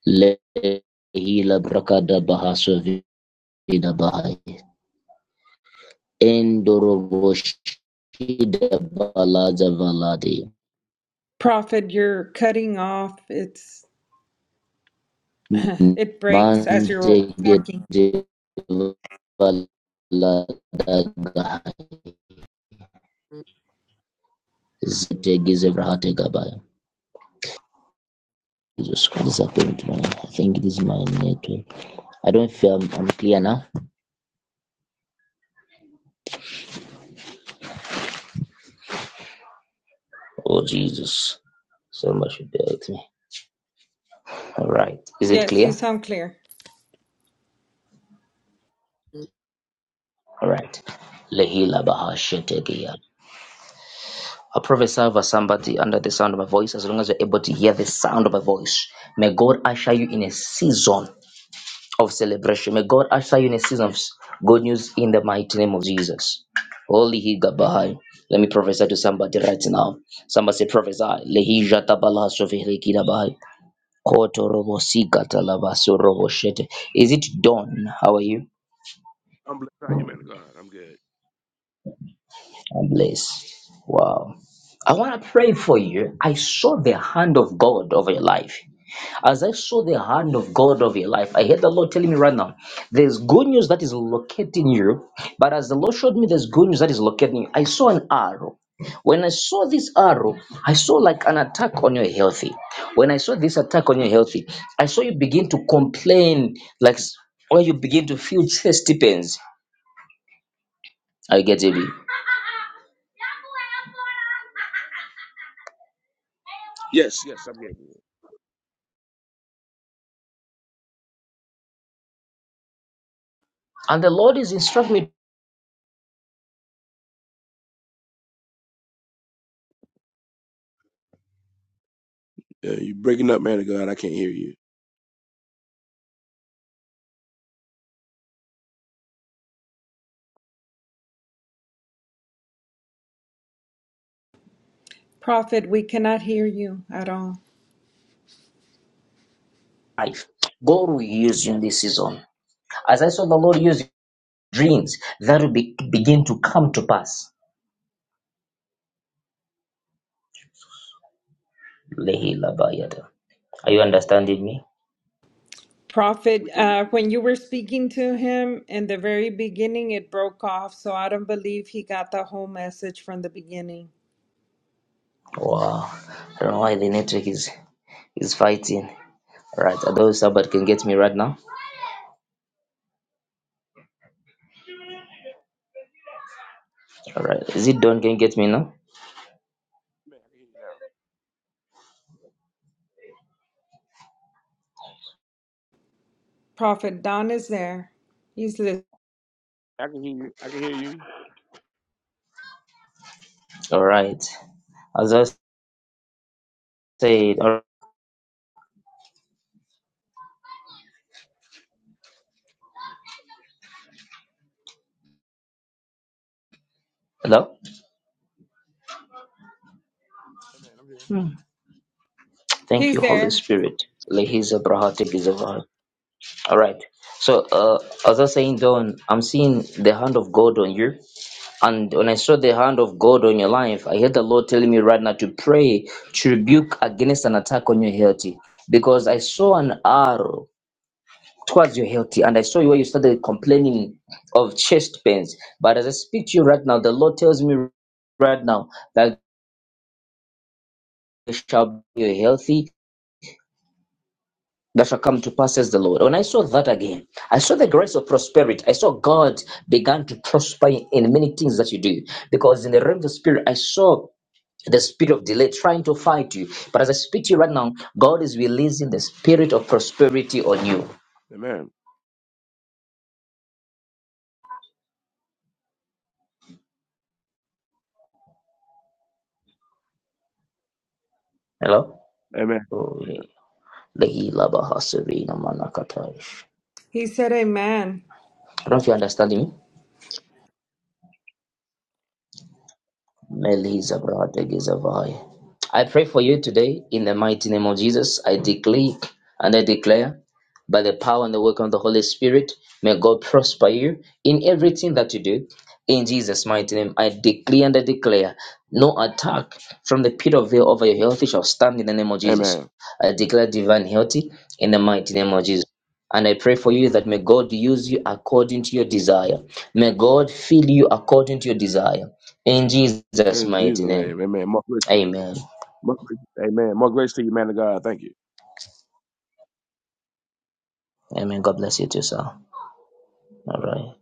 Speaker 1: Lehila brakada bahasa vida bahai. Endoroboshida balaza valadi.
Speaker 2: Prophet, you're cutting off. It's it breaks as you're
Speaker 1: Mante
Speaker 2: talking.
Speaker 1: gede valada gahai. Zete gize vrahate gabaya. Jesus Christ, I think, I think it is my network. I don't feel I'm, I'm clear now. Oh, Jesus. So much should be with me. All right. Is it
Speaker 2: Yes, you
Speaker 1: clear?
Speaker 2: sound clear.
Speaker 1: All right. Lehila bahashetegia. I probably serve as somebody under the sound of my voice, as long as you're able to hear the sound of my voice. May God usher you in a season of celebration. May God usher you in a season of good news in the mighty name of Jesus. Holy Higabahai. Let me prophesy to somebody right now. Somebody say prophesy. Lehi jata bala sovere kidabahai. Koto robo sika talaba so robo shete. Is it done? How are you?
Speaker 5: I'm blessed. How you, man of God? I'm good.
Speaker 1: I'm blessed. Wow. I want to pray for you. I saw the hand of God over your life. As I saw the hand of God of your life, I heard the Lord telling me right now, there's good news that is locating you. But as the Lord showed me, there's good news that is locating you. I saw an arrow. When I saw this arrow, I saw like an attack on your healthy. When I saw this attack on your healthy, I saw you begin to complain, like s- or you begin to feel chest pains. I get it.
Speaker 5: Yes, yes, I'm good.
Speaker 1: And the Lord is instructing me
Speaker 5: Yeah, you breaking up, man of God. I can't hear you.
Speaker 2: Prophet, we cannot hear you at all.
Speaker 1: life. God will use you in this season. As I saw the Lord use your dreams, that will be, begin to come to pass. Lehi Labayada. Are you understanding me?
Speaker 2: Prophet,
Speaker 5: We can,
Speaker 2: uh, when you were speaking to him in the very beginning, it broke off, so I don't believe he got the whole message from the beginning.
Speaker 1: Wow. I don't know why the network is is fighting. Alright, I don't know if somebody can get me right now. Alright. Is it Don can get me now?
Speaker 5: man. I can hear you now.
Speaker 2: Prophet Don is there. He's li-
Speaker 5: I can hear you. I can hear you.
Speaker 1: Alright. As I said, all right. hello?
Speaker 5: Amen. I'm here.
Speaker 1: Thank
Speaker 2: he's
Speaker 1: you, Holy
Speaker 2: there.
Speaker 1: Spirit. Lehi Zabrahati Gizavahat. Alright. So uh as I was saying Don, I'm seeing the hand of God on you. And when I saw the hand of God on your life, I heard the Lord telling me right now to pray to rebuke against an attack on your health. Because I saw an arrow towards your health, and I saw you where you started complaining of chest pains. But as I speak to you right now, the Lord tells me right now that you shall be healthy. That shall come to pass, says the Lord. When I saw that again, I saw the grace of prosperity. I saw God began to prosper in many things that you do. Because in the realm of the spirit, I saw the spirit of delay trying to fight you. But as I speak to you right now, God is releasing the spirit of prosperity on you.
Speaker 5: Amen.
Speaker 1: Hello?
Speaker 5: Amen.
Speaker 1: Oh, Lehi laba haserina manakatai.
Speaker 2: He said, "Amen."
Speaker 1: I don't know if you're understanding me. Melissa Bradegizavai. I pray for you today in the mighty name of Jesus. I declare and I declare by the power and the work of the Holy Spirit, may God prosper you in everything that you do. In Jesus' mighty name, I declare and I declare no attack from the pit of hell over your health shall stand in the name of
Speaker 5: Yeah.
Speaker 1: Jesus.
Speaker 5: Amen.
Speaker 1: I declare divine healthy in the mighty name of Jesus. And I pray for you that may God use you according to your desire. May God fill you according to your desire. In Jesus'
Speaker 5: In Jesus'
Speaker 1: mighty
Speaker 5: name.
Speaker 1: name.
Speaker 5: Amen. More grace. To, you.
Speaker 1: Amen.
Speaker 5: more grace. Amen. More grace to you, man of God. Thank you.
Speaker 1: Amen. God bless you too, sir. All right.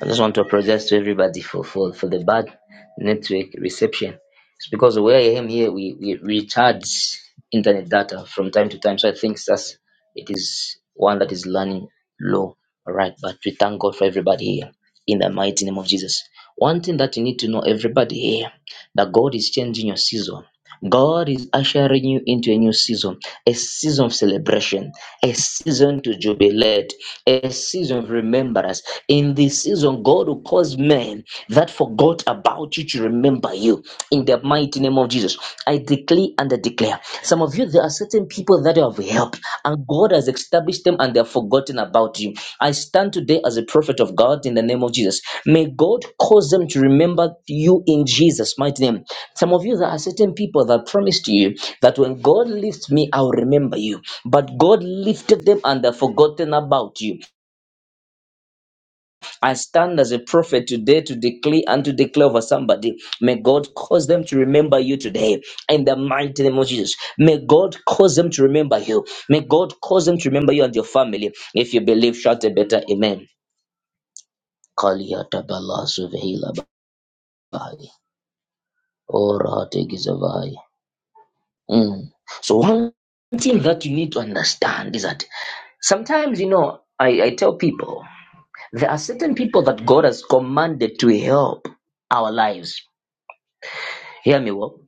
Speaker 1: I just want to apologize to everybody for, for, for the bad network reception. It's because where I am here, we, we recharge internet data from time to time. So I think that's it is one that is running low. All right. But we thank God for everybody here in the mighty name of Jesus. One thing that you need to know, everybody here, that God is changing your season. God is ushering you into a new season, a season of celebration, a season to jubilate, a season of remembrance. In this season, God will cause men that forgot about you to remember you. In the mighty name of Jesus, I declare and I declare. Some of you, there are certain people that you have helped, and God has established them and they have forgotten about you. I stand today as a prophet of God in the name of Jesus. May God cause them to remember you in Jesus' mighty name. Some of you, there are certain people that promised you that when God lifts me, I'll remember you. But God lifted them and they've forgotten about you. I stand as a prophet today to declare and to declare over somebody. May God cause them to remember you today in the mighty name of Jesus. May God cause them to remember you. May God cause them to remember you and your family. If you believe, shout a better amen. Kaliyata bala Mm. So one thing that you need to understand is that sometimes, you know, I, I tell people there are certain people that God has commanded to help our lives. Hear me well.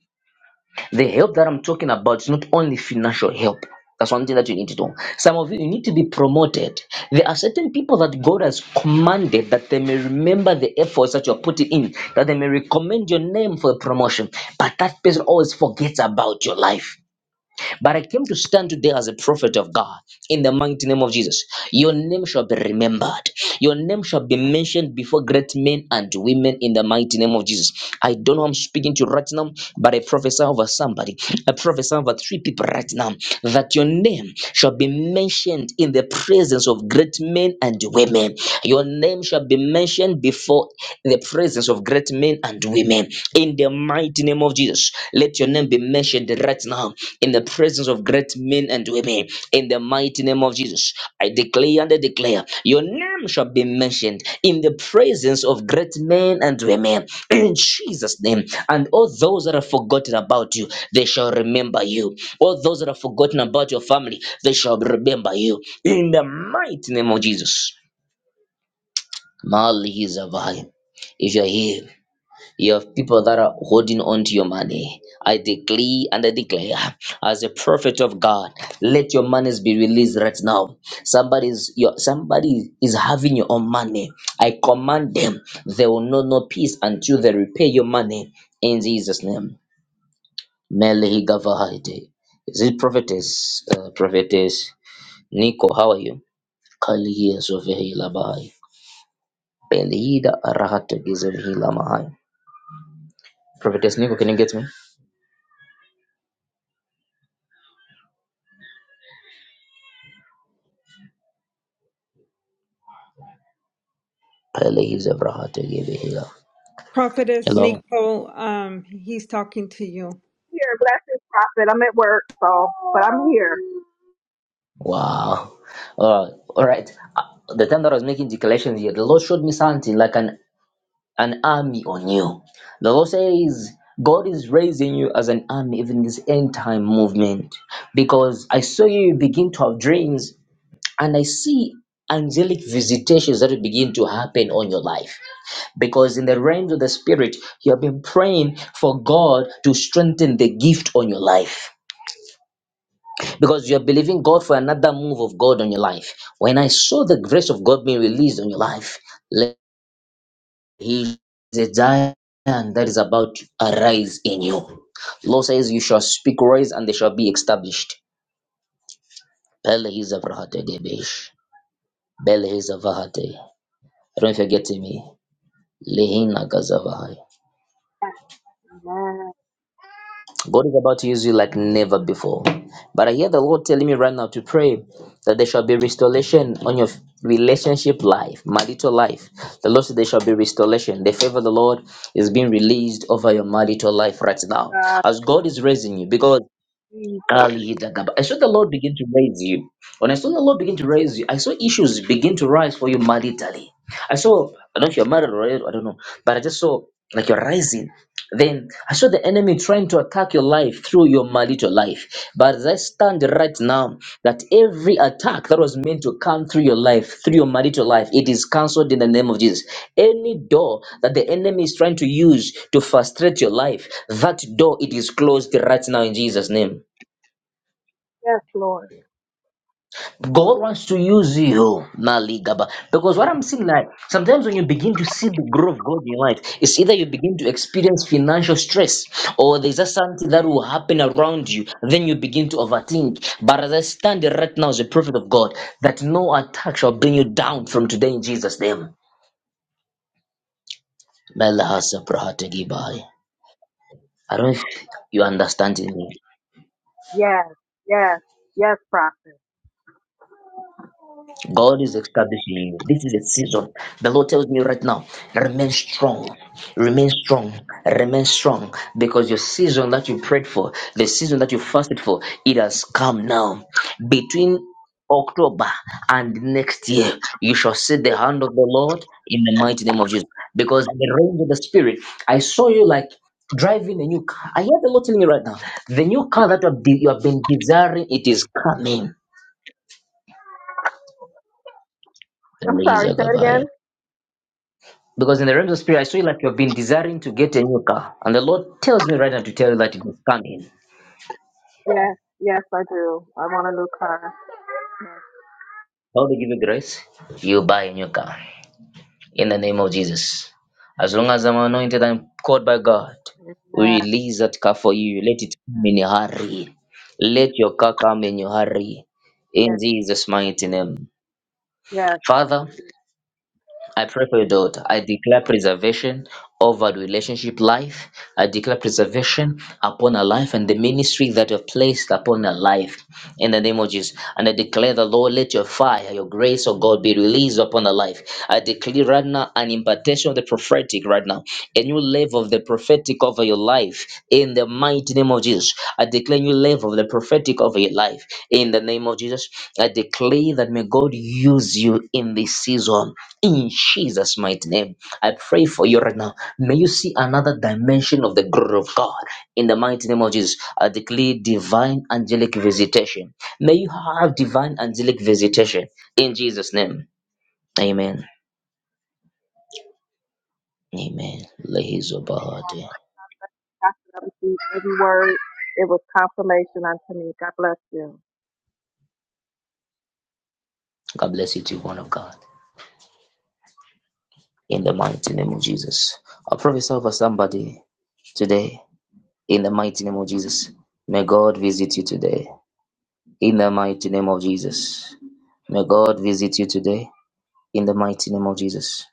Speaker 1: The help that I'm talking about is not only financial help. That's one thing that you need to do. Some of you, you need to be promoted. There are certain people that God has commanded that they may remember the efforts that you're putting in, that they may recommend your name for promotion. But that person always forgets about your life. But I came to stand today as a prophet of God in the mighty name of Jesus. Your name shall be remembered. Your name shall be mentioned before great men and women in the mighty name of Jesus. I don't know who I'm speaking to right now, but I prophesy over somebody. I prophesy over three people right now that your name shall be mentioned in the presence of great men and women. Your name shall be mentioned before the presence of great men and women. In the mighty name of Jesus, let your name be mentioned right now in the presence of great men and women. In the mighty name of Jesus, I declare and I declare your name shall be mentioned in the presence of great men and women. In Jesus' name, and all those that have forgotten about you, they shall remember you all those that have forgotten about your family, they shall remember you. In the mighty name of Jesus. Mali Zavai. If you're here, you have people that are holding on to your money. I decree and I declare, as a prophet of God, let your monies be released right now. Somebody's your somebody is having your own money. I command them, they will know no peace until they repay your money in Jesus' name. Mali Gavahide. Is it prophetess? Uh, prophetess. Nico, how are you? Kalia Zovehila Bahai. Belida Arahata Gizavhila Mahai. Prophetess Nico, can you get me? Kalia Vrahata Gizavhila.
Speaker 2: Prophetess
Speaker 1: Hello.
Speaker 2: Nicole, um, he's talking to you.
Speaker 6: here. Blessings, prophet. I'm at work, so, but I'm here.
Speaker 1: Wow. Uh, all right. Uh, the time that I was making declarations here, the Lord showed me something like an, an army on you. The Lord says, God is raising you as an army, even this end time movement. Because I saw you begin to have dreams and I see angelic visitations that will begin to happen on your life because in the realms of the spirit you have been praying for god to strengthen the gift on your life because you're believing god for another move of god on your life when i saw the grace of god being released on your life let he the giant that is about to arise in you lord says you shall speak rise and they shall be established Pele hizavahate debesh. Bele hizavahate. i don't know if you're getting me Lehina gazavahaya.
Speaker 6: Man,
Speaker 1: God is about to use you like never before. But I hear the Lord telling me right now to pray that there shall be restoration on your relationship life, marital life. The Lord said there shall be restoration. The favor of the Lord is being released over your marital life right
Speaker 6: my
Speaker 1: now.
Speaker 6: God,
Speaker 1: As God is raising you, because
Speaker 6: Jesus.
Speaker 1: Ali Gagaba. I saw the Lord begin to raise you. When I saw the Lord begin to raise you, I saw issues begin to rise for you maritally. I saw, I don't know if you're married already, I don't know, but I just saw like you're rising. Then I saw the enemy trying to attack your life through your marital life. But as I stand right now, that every attack that was meant to come through your life, through your marital life, it is cancelled in the name of Jesus. Any door that the enemy is trying to use to frustrate your life, that door it is closed right now in Jesus' name.
Speaker 6: Yes, Lord.
Speaker 1: God wants to use you, Maligaba. Because what I'm seeing, like, sometimes when you begin to see the growth of God in your life, it's either you begin to experience financial stress or there's just something that will happen around you. Then you begin to overthink. But as I stand here right now as a prophet of God, that no attack shall bring you down from today in Jesus' name. Melahasa prahata gibai. I don't know if you understand me.
Speaker 6: Yes, yes, yes, prophet.
Speaker 1: God is establishing you. This is a season. The Lord tells me right now, remain strong, remain strong, remain strong, because your season that you prayed for, the season that you fasted for, it has come now. Between October and next year, you shall see the hand of the Lord in the mighty name of Jesus. Because in the realm of the Spirit, I saw you like driving a new car. I hear the Lord telling me right now, the new car that you have, de- you have been desiring, it is coming.
Speaker 6: I'm sorry, say it again.
Speaker 1: Because in the realms of spirit, I saw you like you have been desiring to get a new car. And the Lord tells me right now to tell you that it is coming.
Speaker 6: Yes, yes, I do. I want a new car.
Speaker 1: How to give you grace? You buy a new car in the name of Jesus. As long as I'm anointed and called by God,
Speaker 6: Yes, amen.
Speaker 1: we release that car for you. Let it come in a hurry. Let your car come in a hurry.
Speaker 6: yes,
Speaker 1: In Jesus' mighty name.
Speaker 6: yes.
Speaker 1: Father, I pray for your daughter. I declare preservation over the relationship life. I declare preservation upon her life and the ministry that you have placed upon her life in the name of Jesus. And I declare the Lord, let your fire, your grace, oh God, be released upon her life. I declare right now an impartation of the prophetic right now, a new level of the prophetic over your life in the mighty name of Jesus. I declare a new level of the prophetic over your life in the name of Jesus. I declare that may God use you in this season in Jesus' mighty name, I pray for you right now. May you see another dimension of the glory of God. In the mighty name of Jesus, I declare divine angelic visitation. May you have divine angelic visitation. In Jesus' name, amen. Amen. Lehizobahati.
Speaker 6: After I received every word, it was confirmation unto me. God bless you.
Speaker 1: God bless you, to one of God. In the mighty name of Jesus. I prophesy over somebody today. In the mighty name of Jesus. May God visit you today. In the mighty name of Jesus. May God visit you today. In the mighty name of Jesus.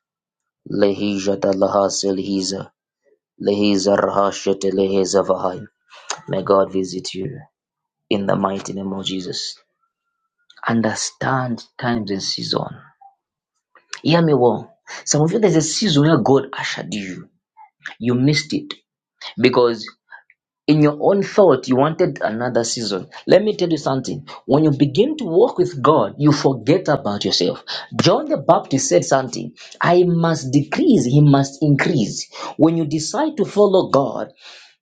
Speaker 1: Lehija da lahas elhiza. Lehiza, Lehijadalahaselihiza, lehizarahashetelehezavahai. May God visit you in the mighty name of Jesus. Understand times and season. Hear me well. Some of you, there's a season where God ushered you. You missed it because in your own thought you wanted another season let me tell you something when you begin to walk with god you forget about yourself john the baptist said something i must decrease he must increase when you decide to follow god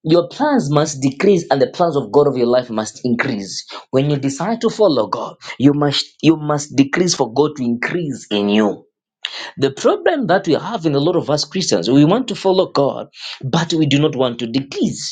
Speaker 1: your plans must decrease and the plans of god of your life must increase when you decide to follow god you must you must decrease for god to increase in you the problem that we have in a lot of us christians we want to follow god but we do not want to decrease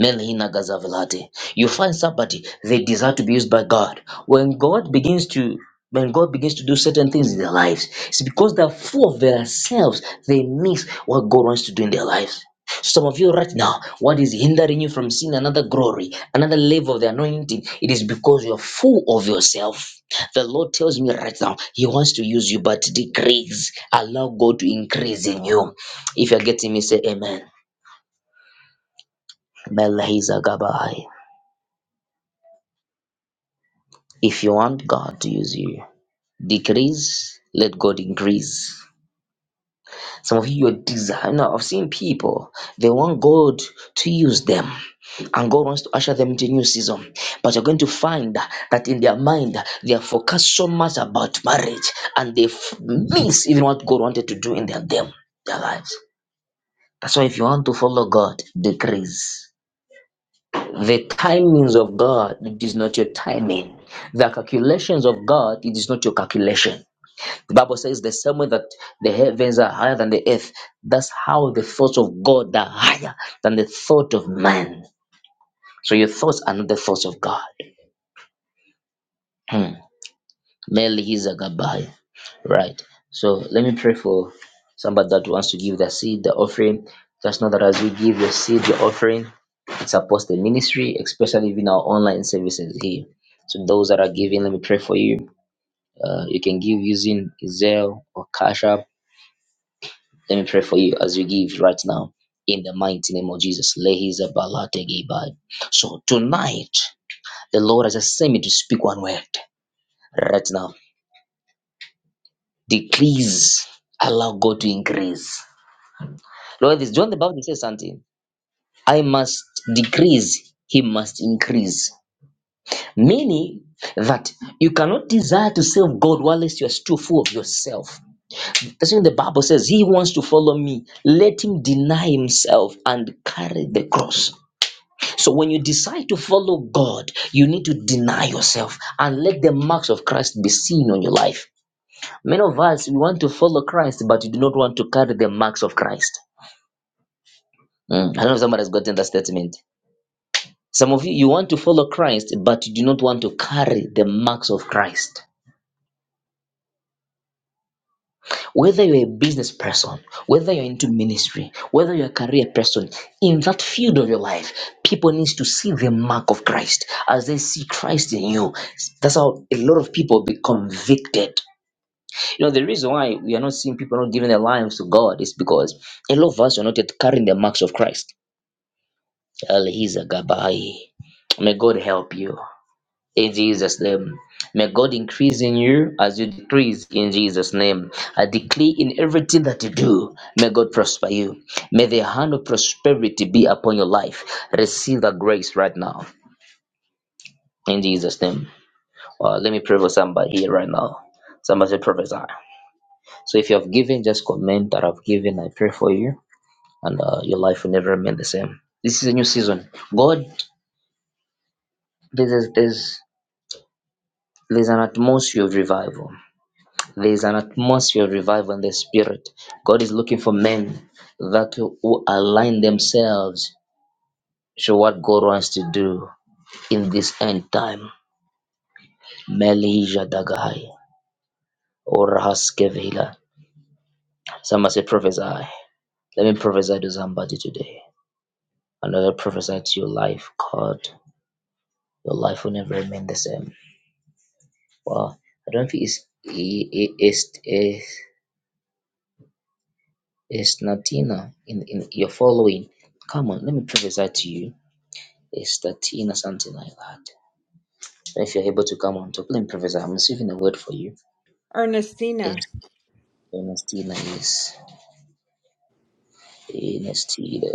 Speaker 1: Melhina Gazavilati. You find somebody they desire to be used by God. When God begins to when God begins to do certain things in their lives, it's because they're full of themselves. They miss what God wants to do in their lives. Some of you right now, what is hindering you from seeing another glory, another level of the anointing? It is because you're full of yourself. The Lord tells me right now, He wants to use you, but decrease. Allow God to increase in you. If you're getting me, say Amen. Melahiza Gabai. If you want God to use you, decrease, let God increase. Some of you, are desire. Now, I've seen people, they want God to use them, and God wants to usher them into a new season. But you're going to find that in their mind, they are focused so much about marriage, and they f- miss even what God wanted to do in their, them, their lives. That's why if you want to follow God, decrease. The timings of God, it is not your timing. The calculations of God, it is not your calculation. The Bible says the same way that the heavens are higher than the earth, that's how the thoughts of God are higher than the thought of man. So your thoughts are not the thoughts of God. Hmm. Merely he's a goodbye. Right. So let me pray for somebody that wants to give their seed, the offering. Just know that as you give your seed, your offering, it supports the ministry, especially in our online services here. So those that are giving, let me pray for you. Uh, you can give using Zelle or Cash App Let me pray for you as you give right now. In the mighty name of Jesus. Lehiza balategebai. So tonight, the Lord has just sent me to speak one word right now. Decrease. Allow God to increase. Lord, this John the Baptist says something. I must decrease, he must increase. Meaning that you cannot desire to serve God whilst you are still full of yourself. That's when the Bible says, He wants to follow me. Let him deny himself and carry the cross. So when you decide to follow God, you need to deny yourself and let the marks of Christ be seen on your life. Many of us we want to follow Christ, but you do not want to carry the marks of Christ. Mm, I don't know if somebody has gotten that statement. Some of you you want to follow Christ, but you do not want to carry the marks of Christ. Whether you're a business person, whether you're into ministry, whether you're a career person, in that field of your life, people needs to see the mark of Christ as they see Christ in you. That's how a lot of people be convicted. You know, the reason why we are not seeing people not giving their lives to God is because a lot of us are not yet carrying the marks of Christ. Elhiza Gabai. May God help you in Jesus' name. May God increase in you as you decrease in Jesus' name. I decree in everything that you do, may God prosper you. May the hand of prosperity be upon your life. Receive the grace right now in Jesus' name. Uh, let me pray for somebody here right now. Somebody say prophesy. So if you have given, just comment that I've given. I pray for you, and uh, your life will never remain the same. This is a new season. God, there's there's there's an atmosphere of revival There is an atmosphere of revival in the spirit. God is looking for men that who align themselves to what God wants to do in this end time. Melija Dagai or Haskevila. Somebody say prophesy. Let me prophesy to somebody today. Another prophesy to your life, God. Your life will never remain the same. Well, I don't think it's it, it's it's it's Natina in in your following. Come on, let me prophesy to you It's 13 or something like that. So if you're able to come on top, let me Professor, I'm receiving a word for you.
Speaker 2: Ernestina,
Speaker 1: It's Ernestina, yes. Ernestina.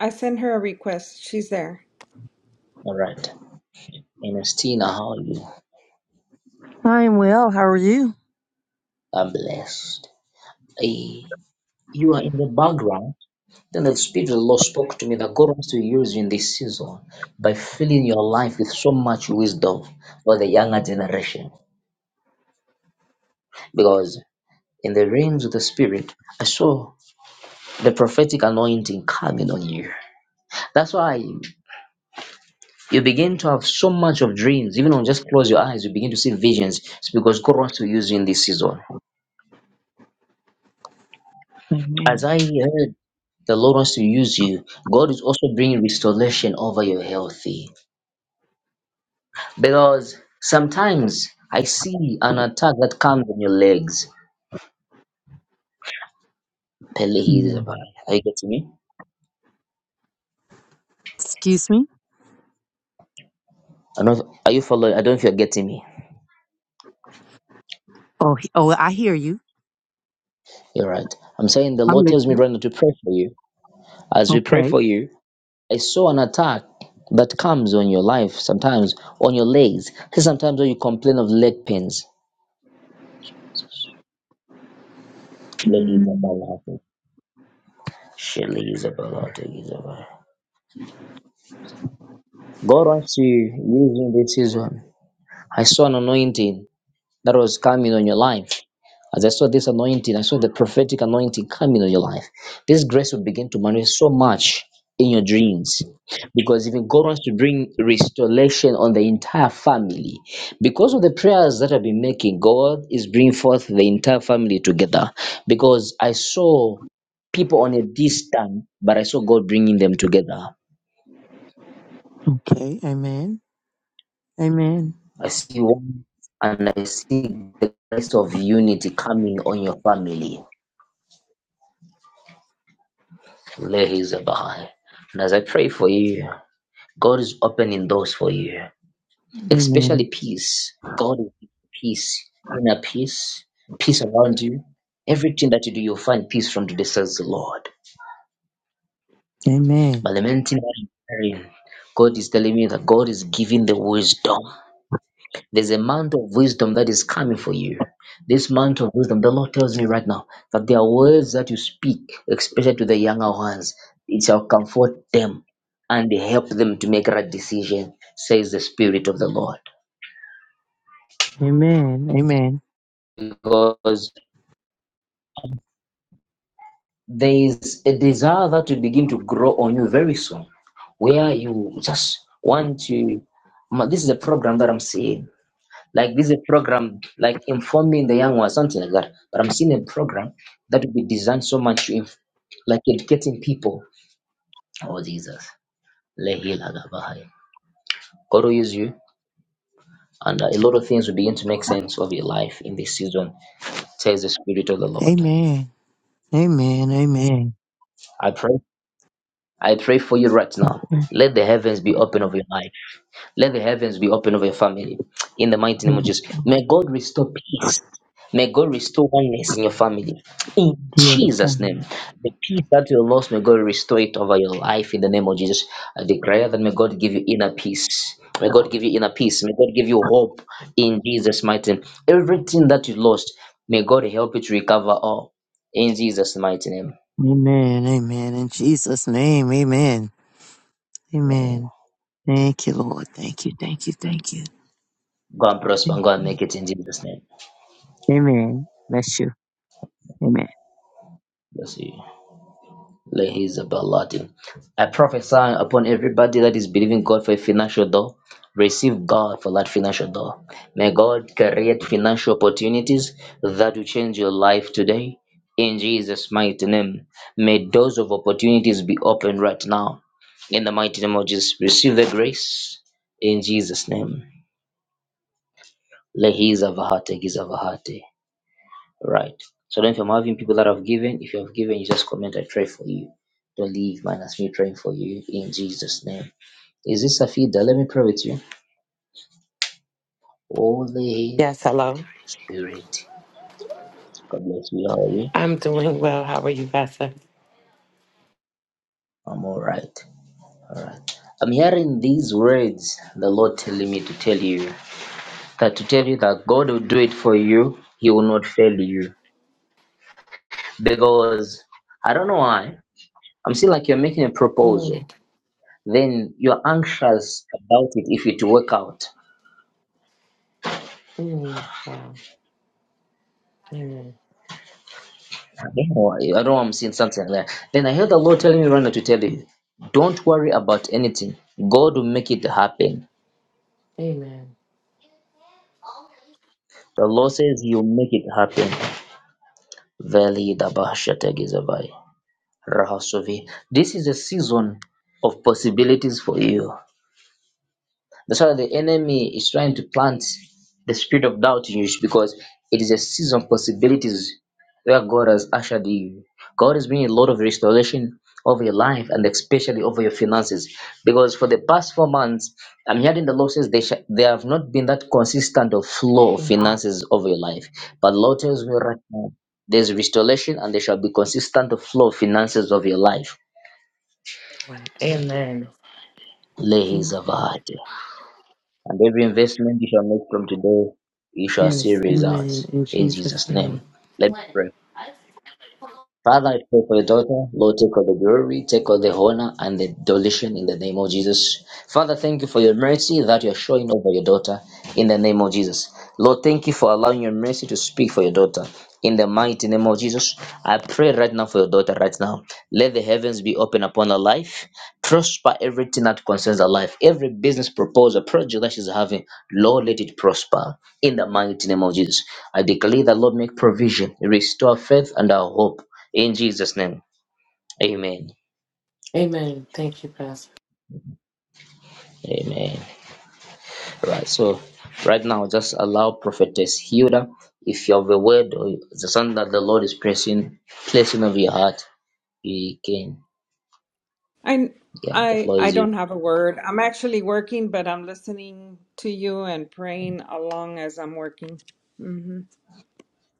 Speaker 2: I sent her a request. She's there.
Speaker 1: All right. Ernestina, how are you?
Speaker 7: I am well. How are you?
Speaker 1: I'm blessed. Hey, you are in the background. Then the Spirit of the Lord spoke to me that God wants to use you in this season by filling your life with so much wisdom for the younger generation. Because in the realms of the Spirit, I saw the prophetic anointing coming on you. That's why You begin to have so much of dreams. Even when you just close your eyes, you begin to see visions. It's because God wants to use you in this season. As
Speaker 7: Amen.
Speaker 1: I heard, the Lord wants to use you. God is also bringing restoration over your healthy. Because sometimes I see an attack that comes on your legs.
Speaker 7: Mm.
Speaker 1: Pelehizabah. Are you getting me?
Speaker 7: Excuse me.
Speaker 1: I don't, are you following? I don't know if you're getting me.
Speaker 7: Oh, he- oh, I hear you.
Speaker 1: You're right. I'm saying the
Speaker 7: I'm
Speaker 1: Lord tells me
Speaker 7: listening.
Speaker 1: right now to pray for you. As we pray
Speaker 7: Okay.
Speaker 1: for you, I saw an attack that comes on your life sometimes, on your legs. See, sometimes when you complain of leg pains, leg is
Speaker 7: Mm.
Speaker 1: about laughing. She leg is about laughing, God wants to use you in this season. I saw an anointing. that was coming on your life. As I saw this anointing, I saw the prophetic anointing coming on your life. This grace will begin to manifest so much in your dreams because even God wants to bring restoration on the entire family. Because of the prayers that I've been making, God is bringing forth the entire family together because I saw people on a distance, but I saw God bringing them together.
Speaker 7: Okay. Amen. Amen.
Speaker 1: I see one and I see the grace of unity coming on your family. Lehi And as I pray for you, God is opening doors for you,
Speaker 7: Mm.
Speaker 1: especially
Speaker 7: Amen.
Speaker 1: peace. God will give you peace, inner peace, peace around you. Everything that you do, you'll find peace from today, says the Lord.
Speaker 7: Amen.
Speaker 1: But lamenting that praying, God is telling me that God is giving the wisdom. There's a amount of wisdom that is coming for you. This amount of wisdom, the Lord tells me right now that there are words that you speak, especially to the younger ones. It shall comfort them and help them to make right decision, says the Spirit of the Lord.
Speaker 7: Amen. Amen.
Speaker 1: Because there is a desire that will begin to grow on you very soon, where you just want to. Ma- This is a program that I'm seeing Like this is a program like informing the young ones, something like that. But I'm seeing a program that will be designed so much to inf- like educating people. Oh Jesus. Lehi lagabahai. God will use you and uh, a lot of things will begin to make sense of your life in this season, says the Spirit of the Lord.
Speaker 7: Amen. Amen. Amen.
Speaker 1: I pray. I pray for you right now.
Speaker 7: Thank
Speaker 1: Let the heavens be open of your life. Let the heavens be open over your family in the mighty name of
Speaker 7: you.
Speaker 1: Jesus. May God restore peace. May God restore oneness in your family. In
Speaker 7: Yes.
Speaker 1: Jesus'
Speaker 7: Father.
Speaker 1: name, the peace that you lost, may God restore it over your life in the name of Jesus. I declare that may God give you inner peace. May God give you inner peace. May God give you hope in Jesus' mighty name. Everything that you lost, may God help you to recover all in Jesus' mighty name.
Speaker 7: Amen. Amen. In Jesus' name. Amen. Amen. Thank you, Lord. Thank you. Thank you. Thank you.
Speaker 1: Go and prosper
Speaker 7: Thank
Speaker 1: and go and
Speaker 7: you.
Speaker 1: make it in Jesus' name.
Speaker 7: Amen. Bless you. Amen.
Speaker 1: Bless you. Lehizabalati. I prophesy upon everybody that is believing God for a financial door. Receive God for that financial door. May God create financial opportunities that will change your life today. In Jesus' mighty name, may doors of opportunities be opened right now. In the mighty name of Jesus, receive the grace. In Jesus' name. Lehiza Vahate, Giza Vahate. Right. So then if I'm having people that have given, if you have given, you just comment, I pray for you. Don't leave minus me praying for you in Jesus' name. Is this Safida? Let me pray with you. Holy
Speaker 8: Yes, hello.
Speaker 1: Spirit. God bless you. How are you?
Speaker 8: I'm doing well. How are you, Vasa?
Speaker 1: I'm all right. All right. I'm hearing these words, the Lord telling me to tell you that to tell you that God will do it for you, He will not fail you. Because I don't know why, I'm seeing like you're making a
Speaker 8: Mm,
Speaker 1: proposal, then you're anxious about it if it work out.
Speaker 8: mm, wow. Amen.
Speaker 1: Yeah, I don't know I'm seeing something like that. Then I heard the Lord telling me right now to tell you, don't worry about anything. God will make it happen.
Speaker 8: Amen.
Speaker 1: The Lord says He will make it happen. Veli dabashategizabai. Rahasovi. This is a season of possibilities for you. That's why the enemy is trying to plant the spirit of doubt in you because it is a season of possibilities where God has ushered you. God is bringing a lot of restoration over your life and especially over your finances. Because for the past four months, I'm hearing the Lord says they, sh- they have not been that consistent of flow of
Speaker 8: Mhm.
Speaker 1: finances over your life. But the Lord tells me right now, there's restoration and there shall be consistent of flow of finances over your life.
Speaker 8: Wow. Amen. Mm,
Speaker 1: And every investment you shall make from today, you shall see
Speaker 8: Yes. Amen.
Speaker 1: results.
Speaker 8: In
Speaker 1: In
Speaker 8: Jesus'
Speaker 1: Jesus' name.
Speaker 8: name.
Speaker 1: Let me pray. Father, I pray for your daughter. Lord, take all the glory, take all the honor and the deletion in the name of Jesus. Father, thank you for your mercy that you're showing over your daughter in the name of Jesus. Lord, thank you for allowing your mercy to speak for your daughter. In the mighty name of Jesus, I pray right now for your daughter right now. Let the heavens be open upon her life. Prosper everything that concerns her life. Every business proposal, project that she's having, Lord, let it prosper. In the mighty name of Jesus, I declare that Lord make provision, restore faith and our hope in jesus name amen
Speaker 8: Amen. Thank you, Pastor.
Speaker 1: amen right so right now just allow prophetess hilda if you have a word or the something that the lord is pressing placing over your heart you can
Speaker 2: I
Speaker 1: yeah the
Speaker 2: I
Speaker 1: floor
Speaker 2: I
Speaker 1: is you
Speaker 2: don't have a word. I'm actually working, but I'm listening to you and praying along as I'm working. Mhm.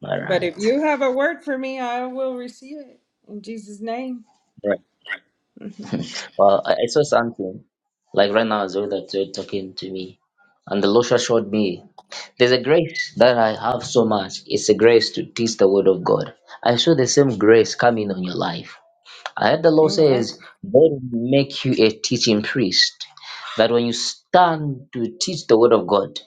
Speaker 1: all
Speaker 2: But
Speaker 1: right
Speaker 2: if you have a word for me, I will receive it in Jesus' name.
Speaker 1: all right well i, I saw something like right now as well that you're talking to me and the lord showed me there's a grace that i have so much it's a grace to teach the word of god i saw the same grace coming on your life I heard the law
Speaker 2: Amen.
Speaker 1: says, God will make you a teaching priest. That when you stand to teach the word of God,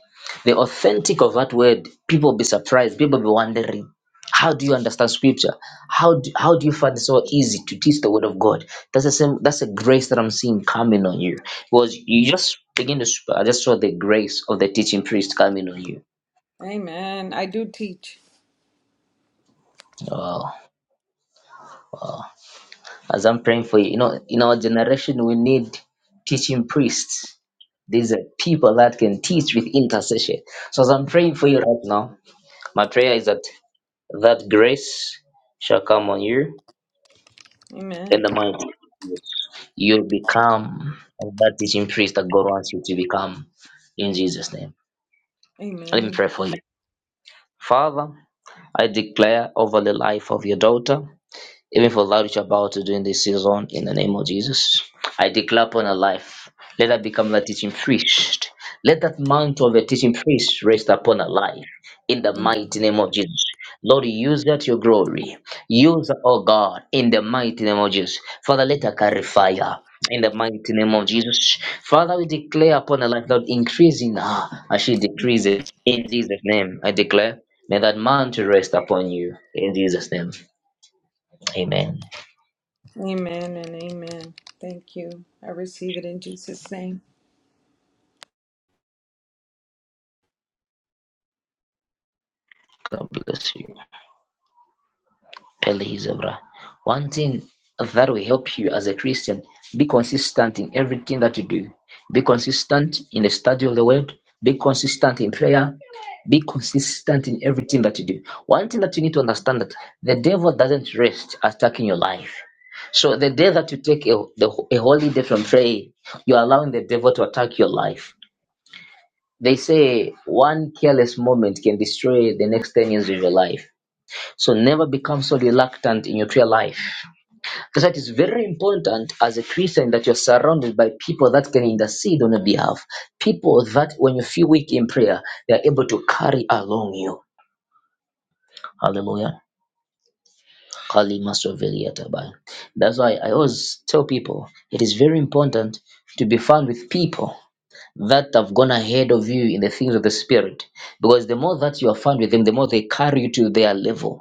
Speaker 1: the authentic of that word, people be surprised, people be wondering, how do you understand scripture? How do, how do you find it so easy to teach the word of God? That's the same, that's a grace that I'm seeing coming on you. Because you just begin to sp- I just saw the grace of the teaching priest coming on you.
Speaker 2: Amen. I do teach.
Speaker 1: Wow. As I'm praying for you, you know, in our generation we need teaching priests These are people that can teach with intercession. So as I'm praying for you right now, my prayer is that that grace shall come on you
Speaker 2: Amen.
Speaker 1: and the mighty. You'll become that teaching priest that God wants you to become in Jesus' name. Let me
Speaker 2: Amen.
Speaker 1: pray for you. Father, I declare over the life of your daughter. even for that which you're about to do in this season, in the name of Jesus. I declare upon her life, let her become the teaching priest. Let that mantle of the teaching priest rest upon her life, in the
Speaker 2: Amen.
Speaker 1: mighty name of Jesus. Lord, use that your glory. Use, her, oh God, in the mighty name of Jesus. Father, let her carry fire. In the mighty name of Jesus. Father, we declare upon her life, Lord, increase in her as she decreases. In Jesus' name, I declare, may that mantle rest upon you. In Jesus' name, amen.
Speaker 2: Amen and amen. Thank you. I receive it in Jesus' name.
Speaker 1: God bless you. Please, One thing that will help you as a Christian, be consistent in everything that you do. Be consistent in the study of the word. Be consistent in prayer. Be consistent in everything that you do. One thing that you need to understand that the devil doesn't rest attacking your life. So the day that you take a, the, a holy day from prayer, you're allowing the devil to attack your life. They say one careless moment can destroy the next 10 years of your life. So never become so reluctant in your prayer life. That's why it is very important as a Christian that you're surrounded by people that can intercede on your behalf. People that when you feel weak in prayer, they are able to carry along you. Hallelujah. That's why I always tell people it is very important to be found with people that have gone ahead of you in the things of the spirit. Because the more that you are found with them, the more they carry you to their level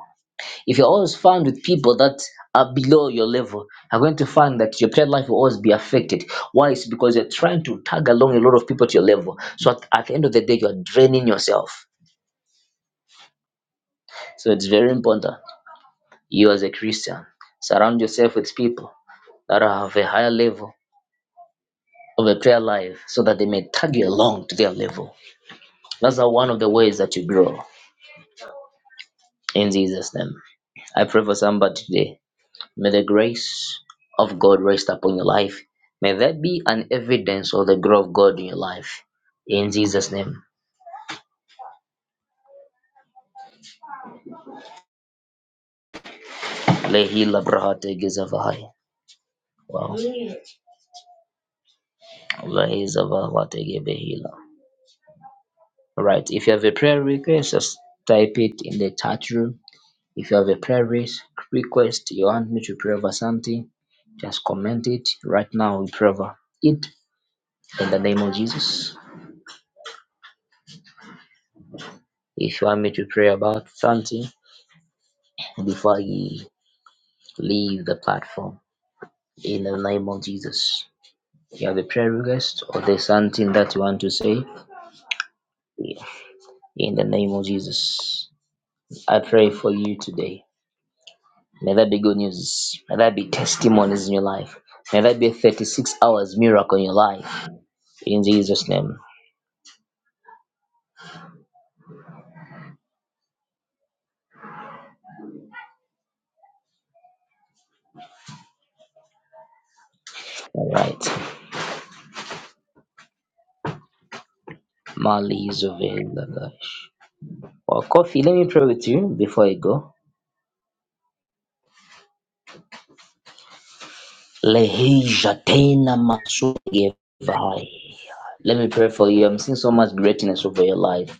Speaker 1: If you're always found with people that are below your level, you're going to find that your prayer life will always be affected. Why? It's because you're trying to tag along a lot of people to your level. So at, at the end of the day, you're draining yourself. So it's very important. You as a Christian, surround yourself with people that have a higher level of a prayer life so that they may tag you along to their level. That's one of the ways that you grow in Jesus' name. I pray for somebody today May the grace of God rest upon your life. May that be an evidence of the growth of God in your life. In Jesus' name. Lehi labrahate gizavahai. Wow. Lehi zavahate gebehila. All right. If you have a prayer request, just type it in the chat room. If you have a prayer re- request, you want me to pray over something, just comment it right now. We pray over it in the name of Jesus. If you want me to pray about something before I Leave the platform in the name of Jesus. you have a prayer request or there's something that you want to say, Yeah. in the name of Jesus, I pray for you today. May that be good news. May that be testimonies in your life. May that be a 36 hours miracle in your life. In Jesus' name. All right. Mali Zovela. Well, coffee, let me pray with you before I go.
Speaker 9: Amen.
Speaker 1: Lehija tena masugevai. Let me pray for you. I'm seeing so much greatness over your life.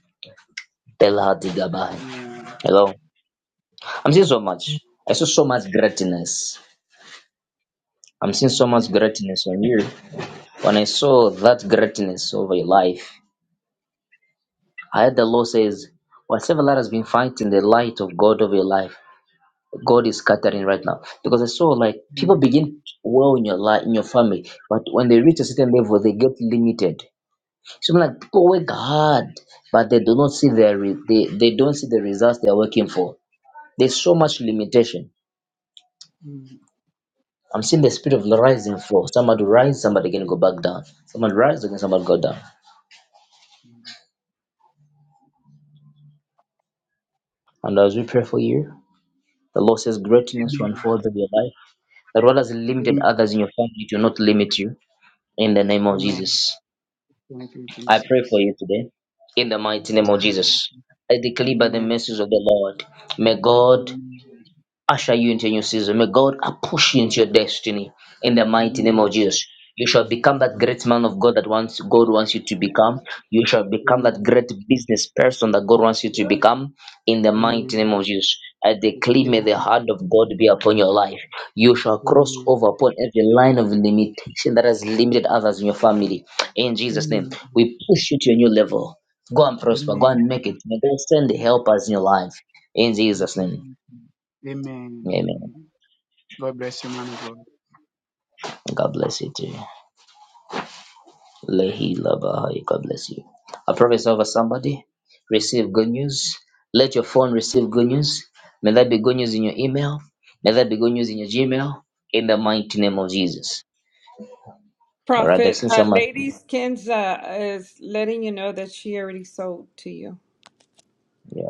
Speaker 1: Tell her to go bye.
Speaker 9: Amen.
Speaker 1: Hello. I'm seeing so much. I saw so much greatness. I'm seeing so much
Speaker 9: Amen.
Speaker 1: greatness on you. When I saw that greatness over your life, I heard the Lord says, whatever that has been fighting the light of God over your life, God is scattering right now. Because I saw like people
Speaker 9: Amen.
Speaker 1: begin well in your life, in your family, but when they reach a certain level, they get limited. So like people work hard, but they do not see their re- they, they don't see the results they are working for. There's so much limitation
Speaker 9: Mm.
Speaker 1: I'm seeing the spirit of the rise and fall. Somebody rise, somebody can go back down. Somebody rise, again, somebody go down. And as we pray for you, the Lord says greatness will
Speaker 9: Amen.
Speaker 1: unfold in your life. That what has limited
Speaker 9: Amen.
Speaker 1: others in your family, it will not limit you. In the name of
Speaker 9: Amen.
Speaker 1: Jesus.
Speaker 9: Thank you,
Speaker 1: I pray
Speaker 9: Jesus.
Speaker 1: for you today. In the mighty name of
Speaker 9: Receive. it.
Speaker 1: Jesus. I declare by the
Speaker 9: Amen.
Speaker 1: message of the Lord. May God
Speaker 9: Amen.
Speaker 1: usher you into a new season. May God push you into your destiny in the mighty name of
Speaker 9: Amen.
Speaker 1: Jesus. You shall become that
Speaker 9: Thank-
Speaker 1: great man of God that wants
Speaker 10: of
Speaker 1: God
Speaker 10: God that
Speaker 1: wants you
Speaker 10: one
Speaker 1: to
Speaker 10: spoke
Speaker 1: become.
Speaker 10: was in
Speaker 1: You shall become that great
Speaker 9: Amen.
Speaker 1: business person that God wants you to become in the mighty name
Speaker 9: Amen.
Speaker 1: of Jesus. I declare
Speaker 9: Receive
Speaker 1: may the
Speaker 9: it.
Speaker 1: hand of God be upon your life. You shall cross
Speaker 9: Amen.
Speaker 1: over upon every line of limitation that has limited others in your family. In Jesus' name,
Speaker 9: Amen.
Speaker 1: we push you to a new level. Go and prosper. Go
Speaker 9: Amen.
Speaker 1: and make it. May God send the helpers in your life. In
Speaker 9: Thank
Speaker 1: Jesus'
Speaker 9: you,
Speaker 1: name.
Speaker 9: Jesus. Amen.
Speaker 1: Amen.
Speaker 9: Amen. God bless you, man of God.
Speaker 1: God bless you too. Lehi Labahai. God bless you. I prophesy over somebody. Receive good news. Let your phone receive good news. May that be good news in your email. May that be good news in your Gmail. In the mighty name of Jesus. All right. I've
Speaker 2: Prophet,
Speaker 1: seen
Speaker 2: uh,
Speaker 1: someone.
Speaker 2: Lady Kinza is letting you know that she already sold to you.
Speaker 1: Yeah.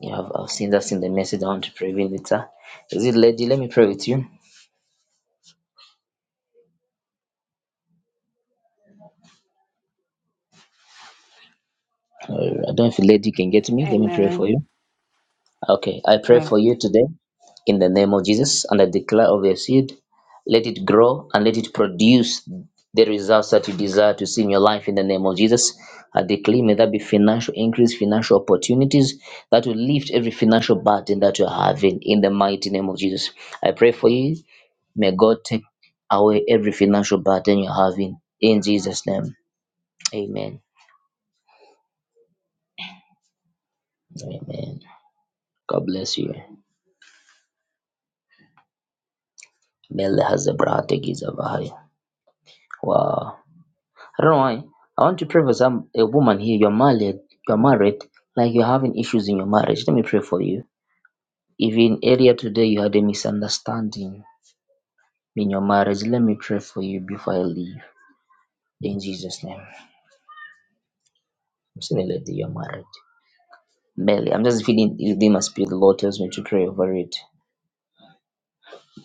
Speaker 1: Yeah. I've, I've seen that's in the message. I want to pray with it. sir. Is it lady? Let me pray with you. Uh, I don't know if lady can get me. Let me pray for
Speaker 4: Amen.
Speaker 1: you. Okay, I pray for you today in the name of Jesus, and I declare over your seed, let it grow and let it produce the results that you desire to see in your life in the name of Jesus. I declare, may that be financial increase, financial opportunities that will lift every financial burden that you're having in the mighty name of Jesus. I pray for you. May God take away every financial burden you're having in Jesus' name. Amen. Amen. God bless you. Mele has a brother, Giza Bahaya. Wow. I don't know why. I want to pray for some a woman here. You're married. You're married. Like you're having issues in your marriage. Let me pray for you. If in area today you had a misunderstanding in your marriage, let me pray for you before I leave. In Jesus' name. I'm seeing a lady you're married. Barely. I'm just feeling within my spirit. The Lord tells me to pray over it.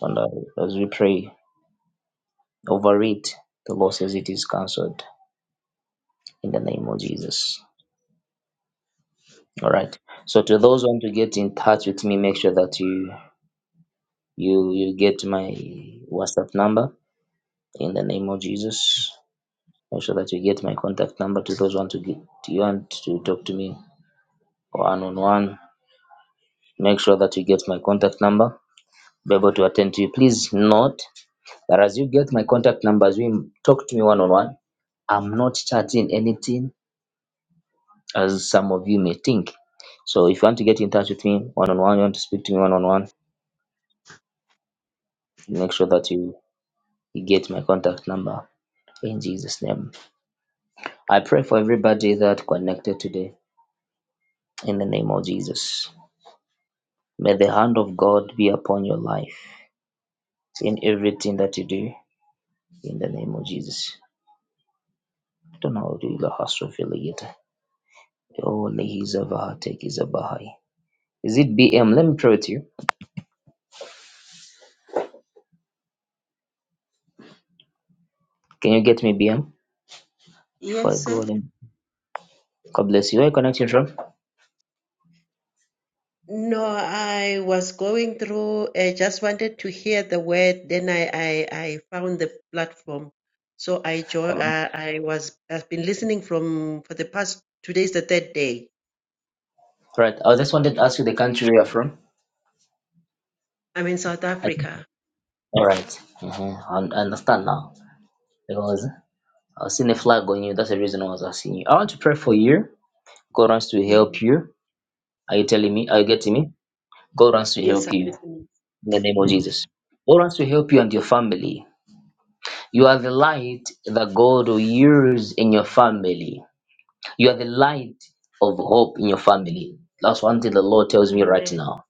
Speaker 1: And uh, as we pray over it, the Lord says it is cancelled in the name of Jesus. All right. So to those who want to get in touch with me, make sure that you You you get my WhatsApp number in the name of Jesus. Make sure that you get my contact number to those who want to get you want to talk to me or one on one. Make sure that you get my contact number. Be able to attend to you. Please note that as you get my contact number, as you talk to me one on one, I'm not charging anything as some of you may think. So if you want to get in touch with me one on one, you want to speak to me one on one, make sure that you, you get my contact number in Jesus' name. I pray for everybody that connected today in the name of Jesus. May the hand of God be upon your life in everything that you do in the name of Jesus. I Don't know how to do the hustle feel yet. Oh, Lehiza Vaha, take is a Bahai. Is it BM? Let me pray with you. Can you get me BM before I
Speaker 11: Yes,
Speaker 1: go?
Speaker 11: sir.
Speaker 1: Let me- God bless you. Where are you connecting from?
Speaker 11: No, I was going through, I just wanted to hear the word. Then I, I, I found the platform. So I joined,
Speaker 1: Um,
Speaker 11: uh, I was, I've been listening from, for the past, today's the third day.
Speaker 1: All right. I just wanted to ask you the country you're from.
Speaker 11: I'm in South
Speaker 1: I-
Speaker 11: Africa.
Speaker 1: All right. Mhm. I I understand now because I was seeing a flag on you. That's the reason I was asking you. I want to pray for you God wants to
Speaker 11: Yeah,
Speaker 1: help you. Are you telling me? Are you
Speaker 11: amen.
Speaker 1: getting me? God wants to
Speaker 11: Yes,
Speaker 1: help
Speaker 11: I'm
Speaker 1: you
Speaker 11: listening.
Speaker 1: in the name of Jesus. God wants to help you and your family. You are the light that God will use in your family. You are the light of hope in your family. That's one thing the Lord tells me right
Speaker 11: Amen.
Speaker 1: now.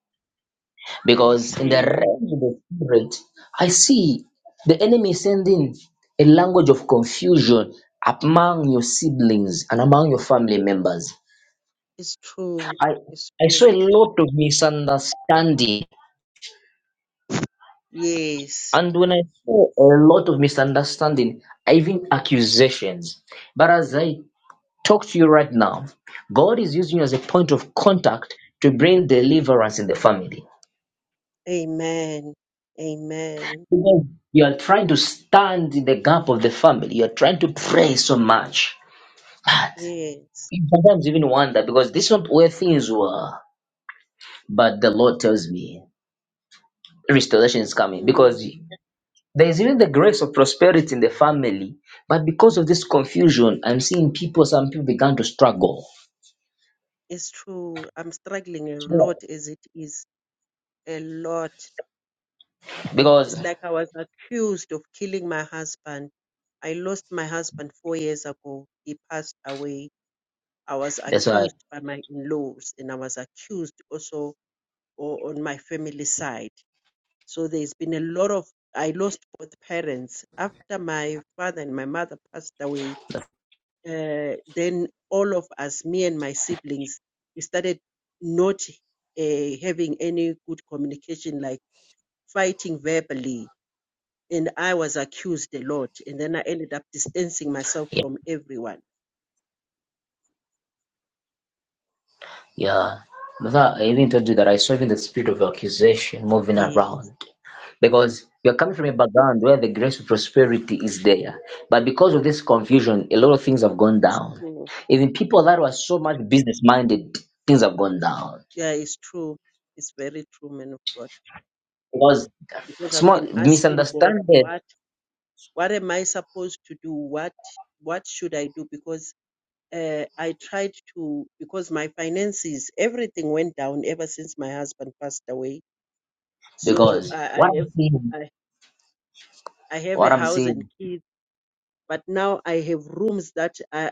Speaker 11: I
Speaker 1: Because in the
Speaker 11: receive.
Speaker 1: realm of the spirit, I see the enemy sending a language of confusion among your siblings and among your family members.
Speaker 11: It's true.
Speaker 1: I,
Speaker 11: It's
Speaker 1: I
Speaker 11: true.
Speaker 1: saw a lot of misunderstanding
Speaker 11: Yes.
Speaker 1: And when I saw a lot of misunderstanding, even accusations. But as I talk to you right now, God is using you as a point of contact to bring deliverance in the family.
Speaker 11: Amen. Amen.
Speaker 1: Because You are trying to stand in the gap of the family. You are trying to pray so much.
Speaker 11: Yes.
Speaker 1: You Sometimes even wonder because this is not where things were. But the Lord tells me restoration is coming because
Speaker 11: Mm.
Speaker 1: There is even the grace of prosperity in the family, but because of this confusion, I'm seeing people. Some people began to struggle
Speaker 11: It's true. I'm struggling a lot as it is. a lot.
Speaker 1: because
Speaker 11: It's like I was accused of killing my husband. I lost my husband four years ago. He passed away. I was
Speaker 1: that's why.
Speaker 11: accused by my in laws and I was accused also o- on my family side. So there's been a lot of, I lost both parents. After my father and my mother passed away, uh, then all of us, me and my siblings, we started not uh, having any good communication, like fighting verbally and I was accused a lot, and then I ended up distancing myself
Speaker 1: Yeah,
Speaker 11: from everyone.
Speaker 1: yeah. That's why I even told you that I saw even the spirit of accusation moving
Speaker 11: Yes,
Speaker 1: around because you're coming from a background where the grace of prosperity is there, but because of this confusion, a lot of things have gone
Speaker 11: it's
Speaker 1: down.
Speaker 11: true.
Speaker 1: Even people that were so much business minded, things have gone down
Speaker 11: Yeah, it's true. It's very true, man of God.
Speaker 1: because
Speaker 11: Because I've
Speaker 1: small
Speaker 11: been asking God,
Speaker 1: misunderstanding
Speaker 11: what what am I supposed to do? What what should I do? Because uh, I tried to because my finances everything went down ever since my husband passed away. So
Speaker 1: because
Speaker 11: I, I
Speaker 1: what I'm
Speaker 11: have
Speaker 1: seeing
Speaker 11: I, I have
Speaker 1: What
Speaker 11: a
Speaker 1: I'm
Speaker 11: house and
Speaker 1: saying,
Speaker 11: kids, but now I have rooms that I.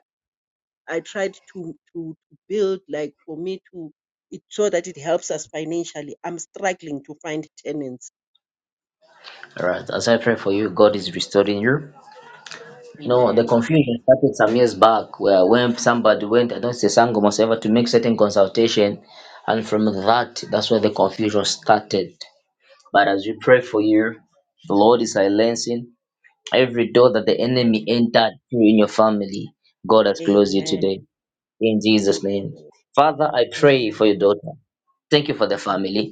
Speaker 11: I tried to to to build like for me to it so that it helps us financially. I'm struggling to find tenants.
Speaker 1: all right, as I pray for you, God is restoring you. You know, the
Speaker 11: Amen.
Speaker 1: confusion started some years back where when somebody went, I don't say Sango must ever to make certain consultation, and from that, that's where the confusion started. But as we pray for you, the Lord is silencing every door that the enemy
Speaker 11: Amen.
Speaker 1: entered through in your family. God has closed it today
Speaker 11: Amen.
Speaker 1: in Jesus'
Speaker 11: Thank you,
Speaker 1: name.
Speaker 11: Lord.
Speaker 1: Father, I pray
Speaker 11: Amen.
Speaker 1: for your daughter. Thank you for the family.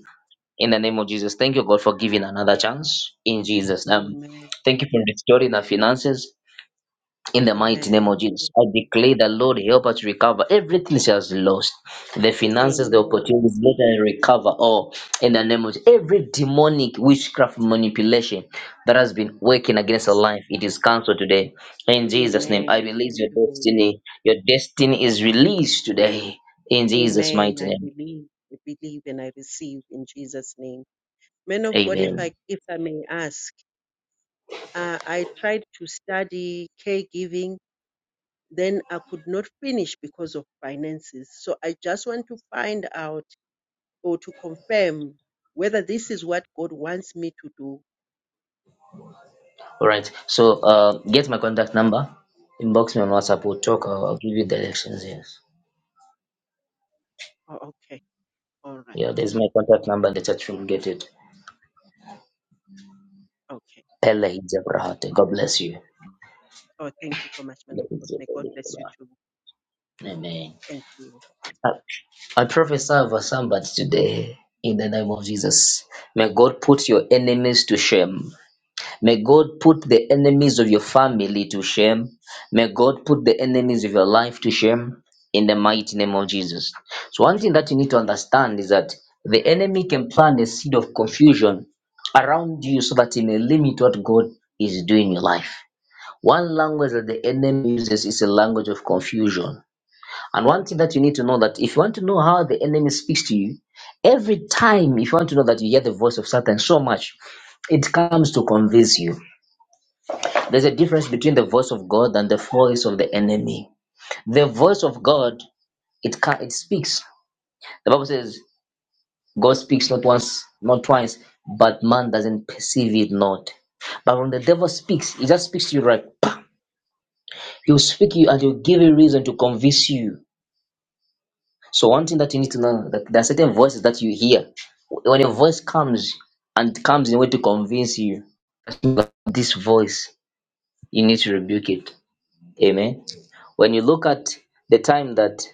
Speaker 1: In the name of Jesus, thank you, God, for giving another chance. In Jesus' name,
Speaker 11: Amen.
Speaker 1: thank you for restoring our finances. In the
Speaker 11: Amen.
Speaker 1: mighty name
Speaker 11: Amen.
Speaker 1: of Jesus,
Speaker 11: Thank
Speaker 1: I
Speaker 11: you, Lord.
Speaker 1: declare that Lord help us to recover everything she has lost. The finances, the
Speaker 11: Amen.
Speaker 1: opportunities, let her recover all. In the name of Jesus, every demonic witchcraft manipulation that has been
Speaker 11: In
Speaker 1: working against her
Speaker 11: Jesus' name.
Speaker 1: life, it is cancelled today. In Jesus' name, I
Speaker 11: Amen.
Speaker 1: release
Speaker 11: Thank
Speaker 1: your
Speaker 11: you, Lord.
Speaker 1: destiny. Your destiny is released today. In Jesus'
Speaker 11: Amen.
Speaker 1: mighty
Speaker 11: I
Speaker 1: name,
Speaker 11: believe. I believe and I receive in Jesus' name. Man of God, if
Speaker 1: amen.
Speaker 11: I if I may ask, uh, I tried to study caregiving Then I could not finish because of finances. So I just want to find out or to confirm whether this is what God wants me to do.
Speaker 1: All right. So uh, get my contact number. Inbox me on
Speaker 11: Oh,
Speaker 1: WhatsApp. We'll talk. I'll, I'll give you directions. Yes.
Speaker 11: oh, okay. All right.
Speaker 1: Yeah. There's my contact number in the chat room. Get it.
Speaker 11: Okay.
Speaker 1: Pele Ijebrahate. God bless you.
Speaker 11: Oh, thank you so much, man
Speaker 1: Let
Speaker 11: of
Speaker 1: it
Speaker 11: God.
Speaker 1: be
Speaker 11: May
Speaker 1: for
Speaker 11: God bless you
Speaker 1: you.
Speaker 11: too.
Speaker 1: Amen.
Speaker 11: Thank you.
Speaker 1: I, I prophesy over somebody today in the name of Jesus. May God put your enemies to shame. May God put the enemies of your family to shame. May God put the enemies of your life to shame in the mighty name of Jesus. So, one thing that you need to understand is that the enemy can plant a seed of confusion around you so that he may limit what God is doing in your life. One language that the enemy uses is a language of confusion. And one thing that you need to know that if you want to know how the enemy speaks to you, every time if you want to know that you hear the voice of Satan so much, it comes to convince you. There's a difference between the voice of God and the voice of the enemy. The voice of God, it can, it speaks. The Bible says God speaks not once, not twice, but man doesn't perceive it not. But when the devil speaks, he just speaks to you right. He'll speak to you and he'll give you reason to convince you. So one thing that you need to know that there are certain voices that you hear. When a voice comes and it comes in a way to convince you, this voice, you need to rebuke it. Amen when you look at the time that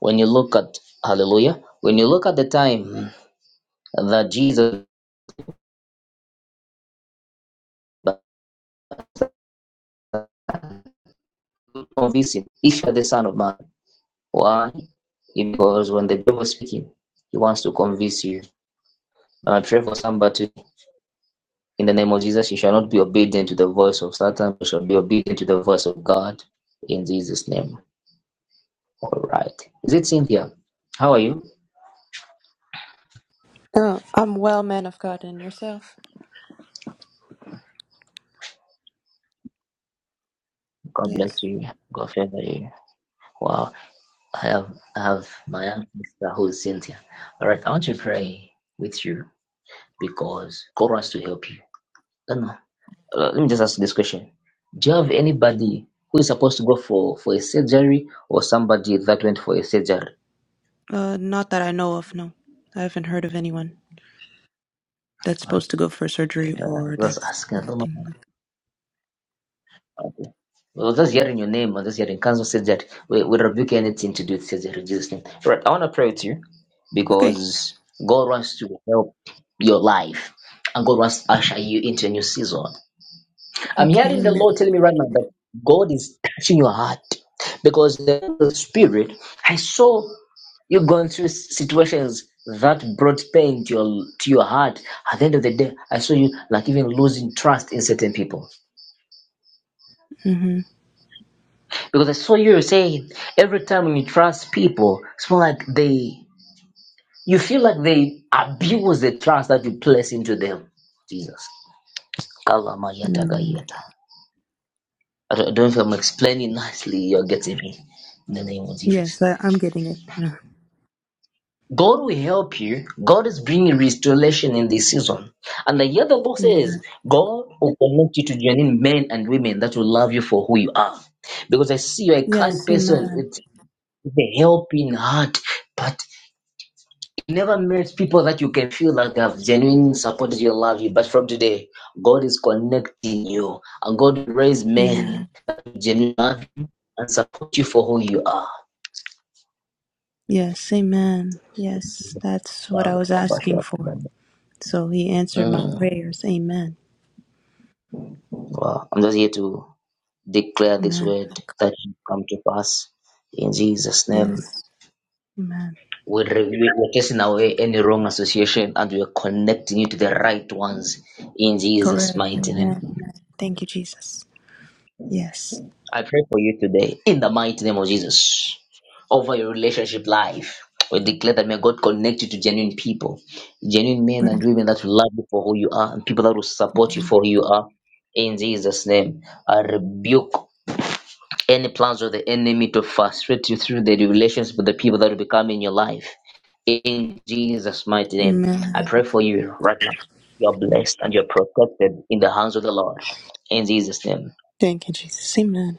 Speaker 1: When you look at Hallelujah, when you look at the time that Jesus convinced him, if you're the Son of Man, why? Because when the devil is speaking, he wants to convince you. And I pray for somebody in the name of Jesus, you shall not be obedient to the voice of Satan, you shall be obedient to the voice of God in Jesus' name. All right. Is it Cynthia? How are you?
Speaker 12: Oh, I'm well, man of God, and yourself?
Speaker 1: God
Speaker 12: Yes.
Speaker 1: bless you. God favor you. Wow. I have, I have my ancestor who is Cynthia. All right, I want to pray with you because God wants to help you. Don't know. Let me just ask this question: Do you have anybody who is supposed to go for for a surgery or somebody that went for a surgery?
Speaker 12: Uh, not that I know of, no. I haven't heard of anyone that's supposed to go for surgery
Speaker 1: Uh,
Speaker 12: or
Speaker 1: just
Speaker 12: that's
Speaker 1: asking. I don't know.
Speaker 12: everything. Like,
Speaker 1: Okay. Well, just hearing your name or just hearing cancer surgery, we, we rebuke anything to do with surgery in Jesus' name. All right, I want to pray with you
Speaker 12: okay,
Speaker 1: because God wants to help your life and God wants to usher you into a new season. I'm
Speaker 12: okay,
Speaker 1: hearing the
Speaker 12: amen.
Speaker 1: Lord telling me right now that God is touching your heart because the Spirit, I saw you going through situations that brought pain to your to your heart. At the end of the day, I saw you like even losing trust in certain people
Speaker 12: Mm-hmm.
Speaker 1: because I saw you saying every time when you trust people, it's more like they you feel like they abuse the trust that you place into them. Jesus,
Speaker 12: Mm.
Speaker 1: Kalamayatagayata. I don't I don't know if I'm explaining nicely. You're getting me in the name of Jesus.
Speaker 12: Yes, I, I'm getting it. now.
Speaker 1: God will help you. God is bringing restoration in this season. And the other book
Speaker 12: Amen.
Speaker 1: says, God will connect you to genuine men and women that will love you for who you are. Because I see you're a kind
Speaker 12: Yes,
Speaker 1: person
Speaker 12: amen,
Speaker 1: with a helping heart, but you never met people that you can feel like they have genuine supported you, love you. But from today, God is connecting you, and God will raise men
Speaker 12: amen.
Speaker 1: that will genuinely love you and support you for who you are.
Speaker 12: Yes, amen. Yes, that's what I
Speaker 1: Mm,
Speaker 12: was asking for. So he answered my prayers. Amen,
Speaker 1: wow. I'm just here to Declare this
Speaker 12: amen.
Speaker 1: word that should come to pass. In Jesus' name,
Speaker 12: Yes, amen.
Speaker 1: we re- we- we're casting away any wrong association and we're connecting you to the right ones. In Jesus'
Speaker 12: Correct.
Speaker 1: mighty name.
Speaker 12: Amen. amen. Thank you, Jesus. Yes.
Speaker 1: I pray for you today. In the mighty name of Jesus. Over your relationship life. We declare that may God connect you to genuine people, genuine men and
Speaker 12: Right.
Speaker 1: women that will love you for who you are, and people that will support you for who you are. In Jesus' name, I rebuke Any plans of the enemy to frustrate you through the relations with the people that will become in your life. In Jesus' mighty name,
Speaker 12: Amen.
Speaker 1: I pray for you right now. You're blessed and you're protected in the hands of the Lord. In Jesus' name,
Speaker 12: Thank you, Jesus. Amen.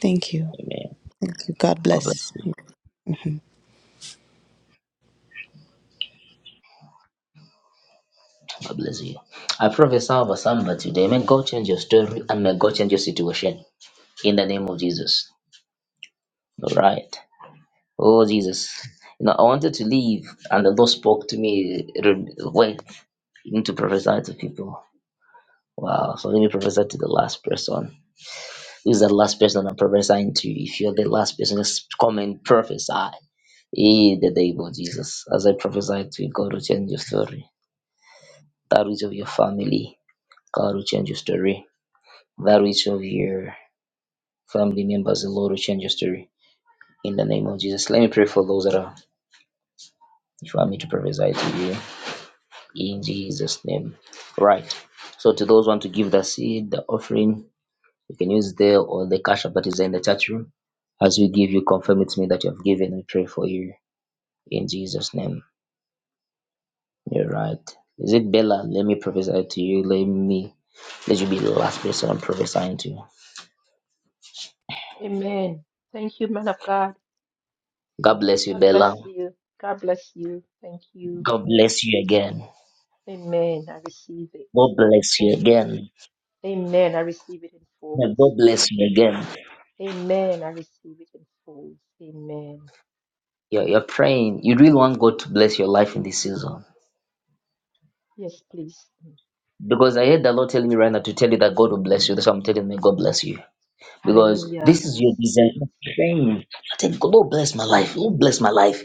Speaker 12: Thank you.
Speaker 1: amen.
Speaker 12: Thank you. God
Speaker 1: God bless
Speaker 12: bless.
Speaker 1: you.
Speaker 12: Mm-hmm.
Speaker 1: God bless you. I prophesy over somebody today. May God change your story and may God change your situation in the name of Jesus. All right. Oh, Jesus. You know, I wanted to leave, and the Lord spoke to me re- when into prophesy to people. Wow, so let me prophesy to the last person. Who's that last person I'm prophesying to? If you're the last person, just come and prophesy. In the name of Jesus, as I prophesy to you, God will change your story. That which of your family, God will change your story. That which of your family members, the Lord will change your story. In the name of Jesus, let me pray for those that are. If you want me to prophesy to you, in Jesus' name. Right. So to those who want to give the seed, the offering, You can use the or the cash app that is in the chat room. As we give you, confirm with me that you have given. We pray for you in Jesus' name. You're right. Is it Bella? Let me prophesy to you. Let me let you be the last person I'm prophesying to.
Speaker 13: Amen. Thank you, man of God.
Speaker 1: God
Speaker 13: Mm.
Speaker 1: bless you,
Speaker 13: God bless
Speaker 1: Bella.
Speaker 13: you. God bless you. Thank you.
Speaker 1: God bless you again.
Speaker 13: Amen. I receive it
Speaker 1: God
Speaker 13: in
Speaker 1: bless you
Speaker 13: full.
Speaker 1: again.
Speaker 13: Amen. I receive it in
Speaker 1: Now,
Speaker 13: full.
Speaker 1: God
Speaker 13: Thank
Speaker 1: bless you
Speaker 13: you.
Speaker 1: again.
Speaker 13: Amen. I receive it in full. Amen.
Speaker 1: You're, you're praying. You really want God to bless your life in this season.
Speaker 13: Yes, please. Mm.
Speaker 1: Because I heard the Lord telling me right now to tell you that God will bless you. That's why I'm telling me God bless you. because
Speaker 13: Hallelujah.
Speaker 1: this
Speaker 13: I
Speaker 1: is your
Speaker 13: receive it.
Speaker 1: design thing. I think God oh, bless my life. God bless my life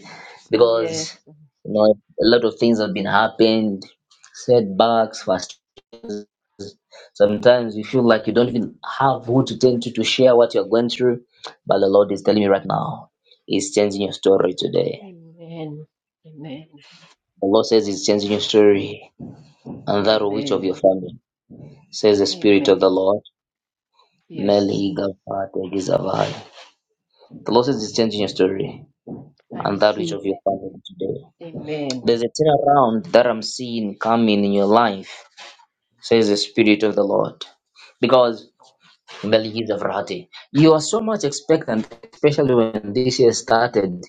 Speaker 13: Yes.
Speaker 1: because
Speaker 13: Mm.
Speaker 1: you know a lot of things have been happened, setbacks, frustrations. Sometimes you feel like you don't even have who to turn to to share what you're going through, but the Lord is telling me right now, He's changing your story today.
Speaker 13: Amen. Amen.
Speaker 1: The Lord says He's changing your
Speaker 13: Mm.
Speaker 1: story and that of each of
Speaker 13: Amen.
Speaker 1: your family. Says the Spirit of the
Speaker 13: Amen.
Speaker 1: Lord.
Speaker 13: Yes.
Speaker 1: Meli Gavate Gizavai. The Lord says He's changing your story
Speaker 13: I
Speaker 1: and that which
Speaker 13: receive
Speaker 1: of your
Speaker 13: it.
Speaker 1: family today.
Speaker 13: Amen.
Speaker 1: There's a turnaround that I'm seeing coming in your life, says the Spirit of the Lord. Because Melchizedek, Zavrati, you are so much expectant, especially when this year started.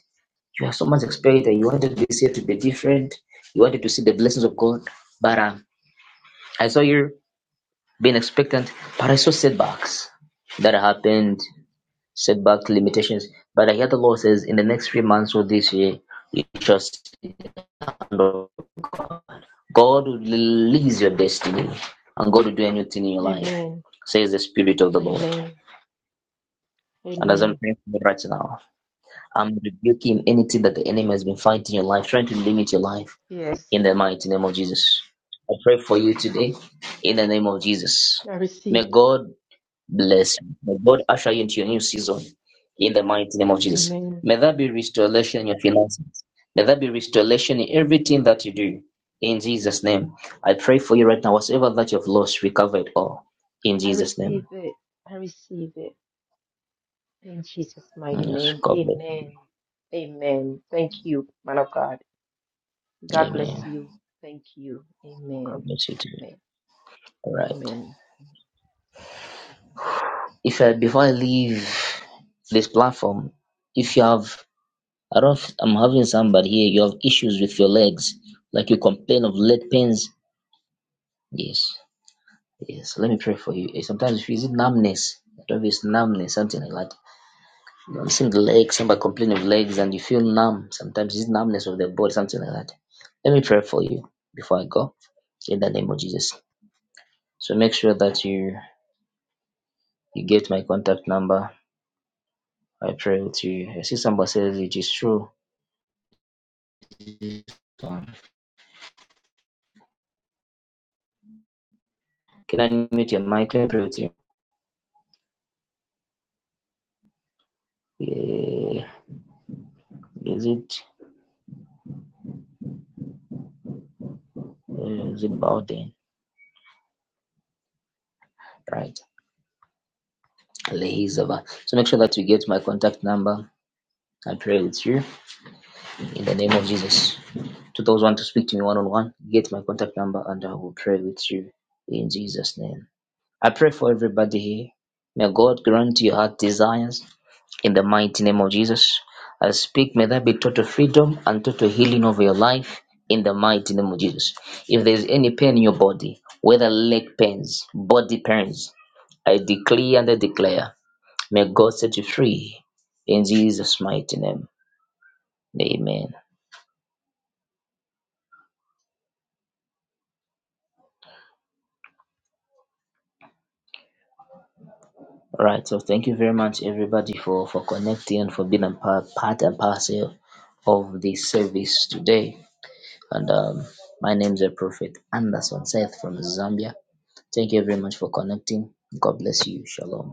Speaker 1: You are so much expectant. You wanted this year to be different. You wanted to see the blessings of God. But uh, I saw you being expectant, but I saw setbacks that happened, setback limitations. But I hear the Lord says, in the next three months or this year, you shall see the hand of God will release your destiny and God will do anything in your life,
Speaker 13: Amen.
Speaker 1: says the Spirit of the Lord.
Speaker 13: Amen.
Speaker 1: And as I'm
Speaker 13: Amen.
Speaker 1: praying for you right now, I'm rebuking anything that the enemy has been fighting your life, trying to limit your life
Speaker 13: Yes.
Speaker 1: in the mighty name of Jesus. I pray for you today in the name of Jesus.
Speaker 13: I receive
Speaker 1: May
Speaker 13: it.
Speaker 1: God Bless you. May God usher you into your new season in the mighty name of Jesus.
Speaker 13: Amen.
Speaker 1: May there be restoration in your finances. May there be restoration in everything that you do. In Jesus' name. I pray for you right now. Whatever that you've lost, recover it all. In
Speaker 13: I
Speaker 1: Jesus'
Speaker 13: receive
Speaker 1: name.
Speaker 13: it. I receive it. In Jesus' mighty
Speaker 1: Yes.
Speaker 13: name.
Speaker 1: God bless.
Speaker 13: Amen. Amen. Thank you, man of God.
Speaker 1: you.
Speaker 13: God bless
Speaker 1: Amen.
Speaker 13: you. Thank you.
Speaker 1: God
Speaker 13: Amen.
Speaker 1: bless you too.
Speaker 13: Amen.
Speaker 1: All right.
Speaker 13: Amen.
Speaker 1: If I, before I leave this platform, if you have, I don't, I'm having somebody here, you have issues with your legs, like you complain of leg pains. Yes. Yes, let me pray for you. Eh, Sometimes if you see numbness, I don't know if it's numbness, something like that. You know, seeing the legs, somebody complaining of legs, and you feel numb. Sometimes it's numbness of the body, something like that. Let me pray for you before I go, in the name of Jesus. So make sure that you you get my contact number. I pray with you. I see somebody says it is true. Um, Can I mute your mic? Let me pray with you. Eh, Is it uh, is it Bowden? Right. Lehizaba. So make sure that you get my contact number. I pray with you. In the name of Jesus. To those who want to speak to me one on one, get my contact number and I will pray with you in Jesus' name. I pray for everybody here. May God grant your heart desires in the mighty name of Jesus. I speak, may there be total freedom and total healing over your life in the mighty name of Jesus. If there's any pain in your body, whether leg pains, body pains, I declare and I declare, may God set you free in Jesus' mighty name. Amen. All right, so thank you very much, everybody, for for connecting and for being a part, part and parcel of this service today. And um, my name is Prophet Anderson Seth from Zambia. Thank you very much for connecting. God bless you. Shalom.